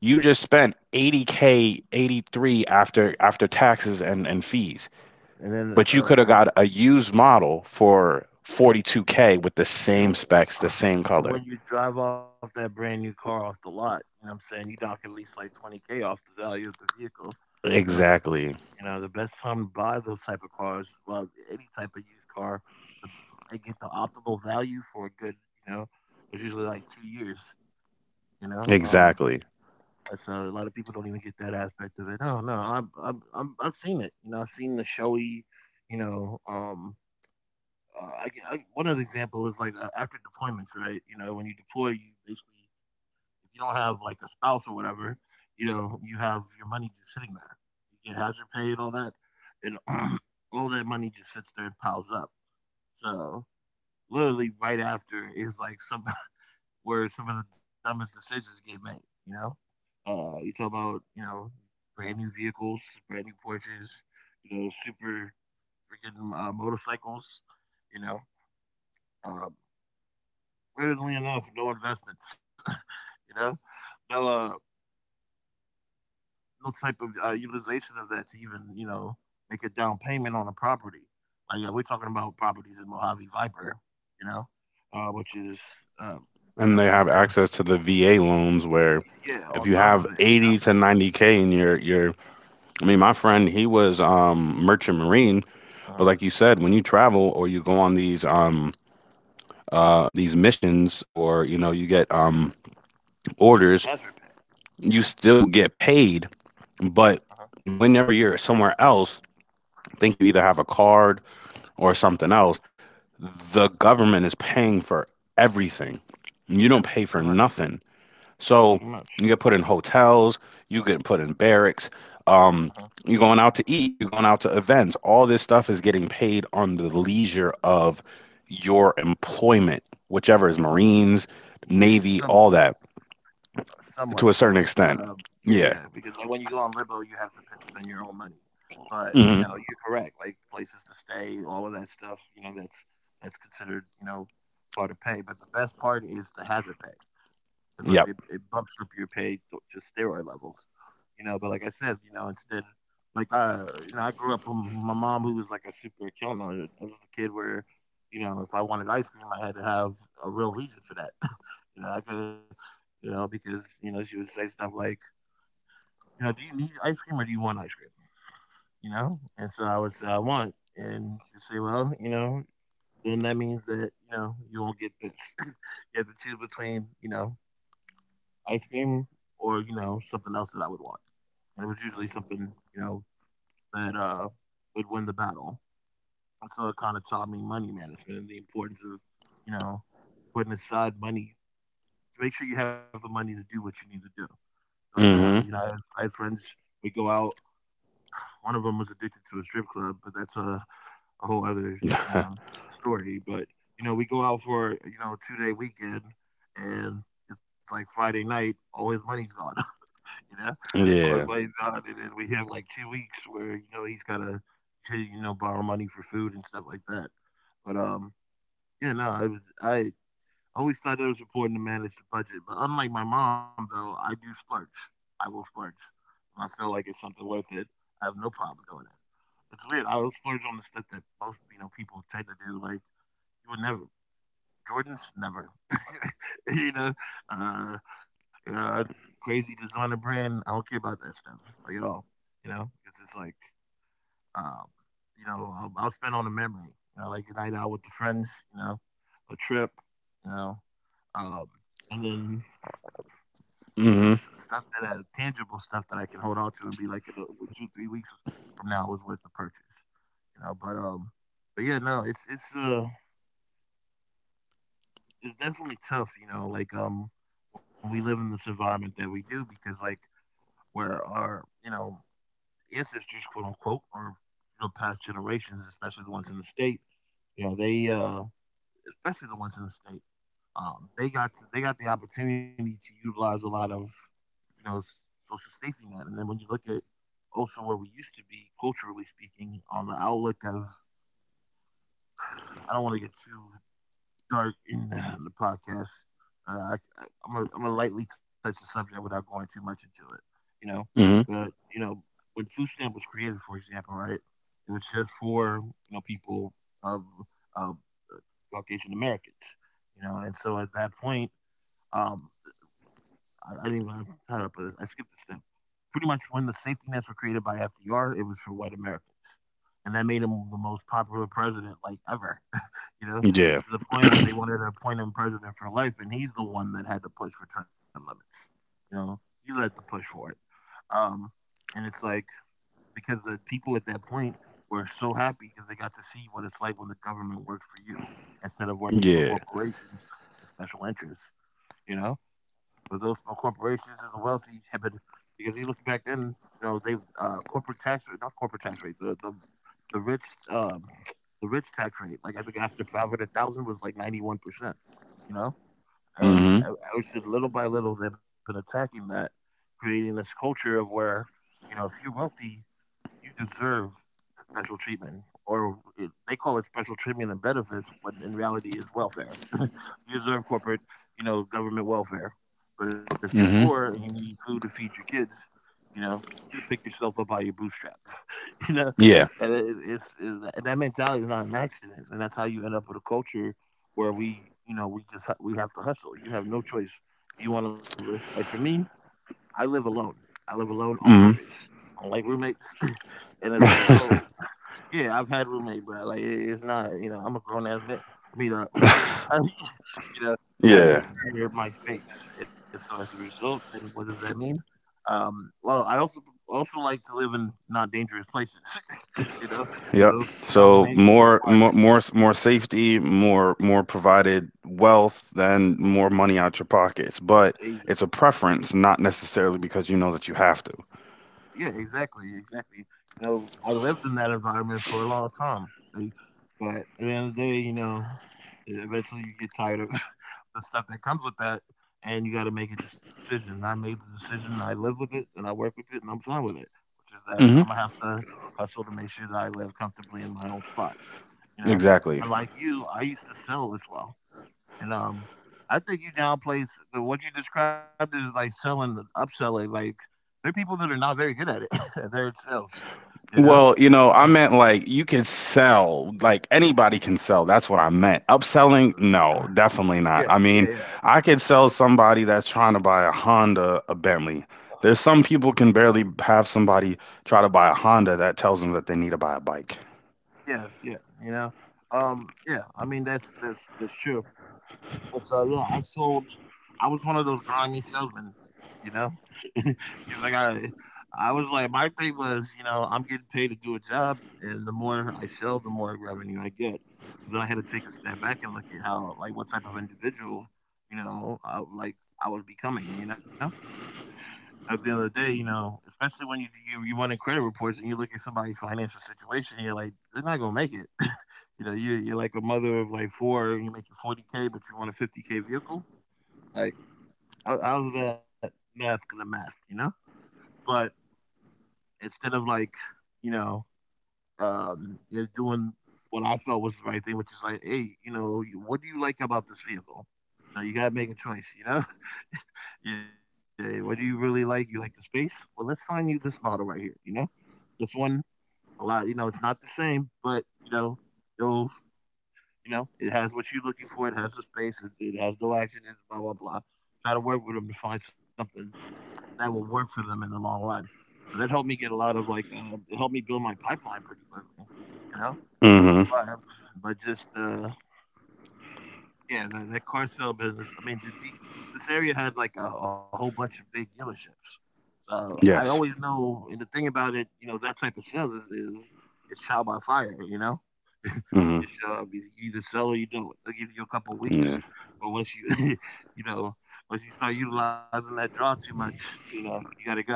You just spent 80K, 83 after taxes and, fees,
And then
but you could have
uh
got a used model for 42K with the same
And
specs, the same
and
color.
when you drive off that brand new car off the lot, you know what I'm saying? You knock at least like 20K off the value of the vehicle, you know.
Exactly.
You know, the best time to buy those type of cars, well, any type of used car, the, and get the optimal value for a good, you know, it's usually like 2 years, you know.
Exactly.
So a lot of people don't even get that aspect of it. No, no, I've seen it. You know, I've seen the showy, you know, one other example is like after deployments, right? You know, when you deploy, you basically, if you don't have like a spouse or whatever, you know, you have your money just sitting there. You get hazard pay and all that, and all that money just sits there and piles up. So literally, right after is like some where some of the dumbest decisions get made. You know, you talk about you know brand new vehicles, brand new Porsches, you know, super freaking motorcycles. You know, um, weirdly enough, no investments. You know, no no type of utilization of that to even you know make a down payment on a property. Like yeah, we're talking about properties in Mojave Viper, you know, which is um,
And
you
they
know
have
back then,
access to the VA loans where
yeah, on top
if you
of it,
have
you know,
80 to 90K in your I mean, my friend he was merchant marine, but
uh,
like you said when you travel or you go on these these missions or you know you get
hazard pay,
orders,
yeah,
you still get paid
uh huh,
but whenever you're somewhere else I think you either have a card or something else, the government is paying for everything. You
yeah,
don't pay for
pretty much,
nothing.
pretty
So
much,
you get put in hotels, you get put in barracks, um,
uh
you're going out to eat, you're going out to events. All this stuff is getting paid on the leisure of your employment, whichever is
huh,
Marines,
yeah,
Navy,
some
all that
somewhat,
to a
somewhat.
certain extent.
Yeah, yeah.
Yeah.
Because like when you go on Libo, you have to spend your own money. But you
Hmm.
know, you're correct. Like places to stay, all of that stuff. You know, that's considered you know part of pay. But the best part is the hazard pay. That's what it,
Yep.
it bumps up your pay to steroid levels you know, but like I said, you know, instead, like you know, I grew up with my mom who was like a super killer. I was the kid where, you know, if I wanted ice cream, I had to have a real reason for that. You know, I could, you know, because you know she would say stuff like, you know, do you need ice cream or do you want ice cream? You know, and so I would say I want, and she'd say, well, you know, then that means that you know you won't get this. You have to choose between you know ice cream or you know something else that I would want, and it was usually something you know that would win the battle. And so it kind of taught me money management and the importance of, you know, putting aside money to make sure you have the money to do what you need to do. Like, you know,
Hmm.
I have friends, we go out. One of them was addicted to a strip club, but that's a whole other, you know, story. But, you know, we go out for, you know, 2 day weekend and it's like Friday night, all his money's gone. You know, always by
Yeah.
his God. And then we have like 2 weeks where you know he's gotta, to, you know, borrow money for food and stuff like that. But yeah, no, I was I always thought it was important to manage the budget. But unlike my mom, though, I do splurge. I will splurge if I feel like it's something worth it. I have no problem doing it. It's weird. I will splurge on the stuff that most people tend to do. Like you would never. Jordans, never. you know, uh, you know, crazy designer brand. I don't care about that stuff like at all. You know, it's just like, um, you know, I'll spend on a memory. Like a night out with the friends. A trip. You know, um, and then
Hmm.
stuff that has tangible stuff that I can hold on to and be like, two three weeks from now was worth the purchase. You know, but um, but yeah, no, it's definitely tough, like when we live in this environment that we do, because like where our, ancestors, quote unquote, or past generations, especially the ones in the state, you know, they especially the ones in the state, they they got the opportunity to utilize a lot of, you know, s- social safety net. And then when you look at also where we used to be, culturally speaking, on the outlook of — I don't want to get too dark in the podcast. I'm gonna lightly touch the subject without going too much into it, you know.
Hmm.
But when food stamp was created, for example, right, it was just for people of of Caucasian Americans. And so at that point, um, I didn't even cut up. I skipped a step. Pretty much when the safety nets were created by FDR, it was for white Americans, and that made him the most popular president like ever,
Yeah.
to the point where they wanted to appoint him president for life, and he's the one that had to push for term limits. You know, he had to push for it. Um, and it's like, because the people at that point were so happy because they got to see what it's like when the government works for you instead of working for
Yeah.
corporations and special interests, you know? But those small corporations and the wealthy have been — because you look back then, you know, they corporate tax rate, not corporate tax rate, the rich um, the rich tax rate, like I think after 500,000 was like 91%, you know. And
Hmm.
I would say, little by little, they've been attacking that, creating this culture of where, if you're wealthy, you deserve special treatment, or they call it special treatment and benefits, when in reality is welfare. You deserve corporate, government welfare. But if you're poor and
Hmm.
you need food to feed your kids, you know, you need to pick yourself up by your bootstraps, you know,
Yeah.
and it- it's and that mentality is not an accident, and that's how you end up with a culture where we, you know, we just ha- we have to hustle. You have no choice if you want to live. Like for me, I live alone. I live alone on
Mhm.
purpose. I don't like roommates, and as a result, yeah, I've had roommate, but like it's not. You know, I'm a grown ass man. I mean, I, you know, I
Yeah.
prefer my space, and so as a result, then what does that mean? Well, I also like to live in not dangerous places. you know, so
Yep.
those two
So
combinations
more,
require
more, more, more safety, more, more provided wealth, then
different
more money out your pockets. But
behavior.
it's a preference, not necessarily because you know that you have to.
Yeah, exactly, exactly. I lived in that environment for a long time, but at the end of the day, eventually you get tired of the stuff that comes with that, and you got to make a decision. And I made the decision. I live with it, and I work with it, and I'm fine with it. Which is that I'm
Hmm.
gonna have to hustle to make sure that I live comfortably in my own spot. You know,
Exactly.
and like you, I used to sell as well. And, I think you downplays the what you described is like selling and upselling. Like, there are people that are not very good at it. And they're in sales, you know?
Well,
Uh,
I meant like you could sell, like anybody can sell. That's what I meant. Upselling? No, definitely not.
yeah,
I mean,
yeah, yeah,
I could sell somebody that's trying to buy a Honda a Bentley. There's some people can barely have somebody try to buy a Honda that tells them that they need to buy a bike.
yeah, yeah, you know? Yeah, I mean, that's true. And so yeah, I sold. I was one of those grimy salesmen, you know, because like I was like my thing was, I'm getting paid to do a job, and the more I sell, the more revenue I get. But then I had to take a step back and look at how, like, what type of individual, you know, I, like I was becoming. At the end of the day, especially when you run in credit reports and you look at somebody's financial situation, you're like, they're not gonna make it. you know, you you're like a mother of like four, and you're making 40K, but you want a 50K vehicle. Like I was that math gonna math, you know. But instead of like, you know, just doing what I felt was the right thing, which is like, hey, what do you like about this vehicle? You gotta make a choice. Yeah, what do you really like? You like the space? Well, let's find you this model right here. This one a lot. It's not the same, but it'll, it has what you're looking for. It has the space. It has no accidents. Blah blah blah. Try to work with them to find something that will work for them in the long run. And that helped me get a lot of like, it helped me build my pipeline pretty quickly, you know.
Mm-hmm.
But, um, but just yeah, that car sale business. I mean, this area had like a whole bunch of big dealerships. So I always
Yes.
know, and the thing about it, that type of sales is it's trial by fire. You know,
Mm-hmm.
you show up, you either sell or you don't. They'll give you a couple of
Yeah.
weeks, but you know, once you start utilizing that draw too much, you got to go.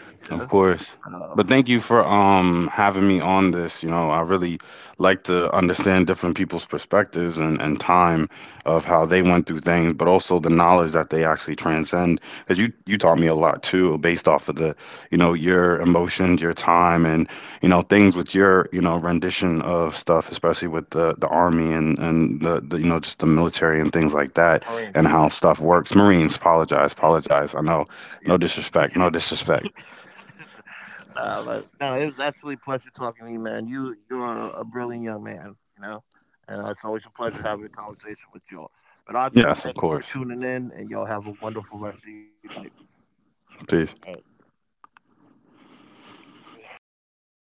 Yeah.
Of course.
But,
But thank you for having me on this. I really like to understand different people's perspectives and time of how they went through things, but also the knowledge that they actually transcend. Because you taught me a lot too, based off of the, your emotions, your time and, things with your, rendition of stuff, especially with the army and the you know, just the military and things like that
Marine,
and how
right.
stuff works. Marines, apologize, apologize. I know,
Yes, sir.
no disrespect, no disrespect.
Nah, but no, it was absolutely a pleasure talking to you, man. You are a brilliant young man, and it's always a pleasure having a conversation with y'all. But audience,
Yes, of
thank you for
course.
tuning in, and y'all have a wonderful rest of your night. All
Peace.
right.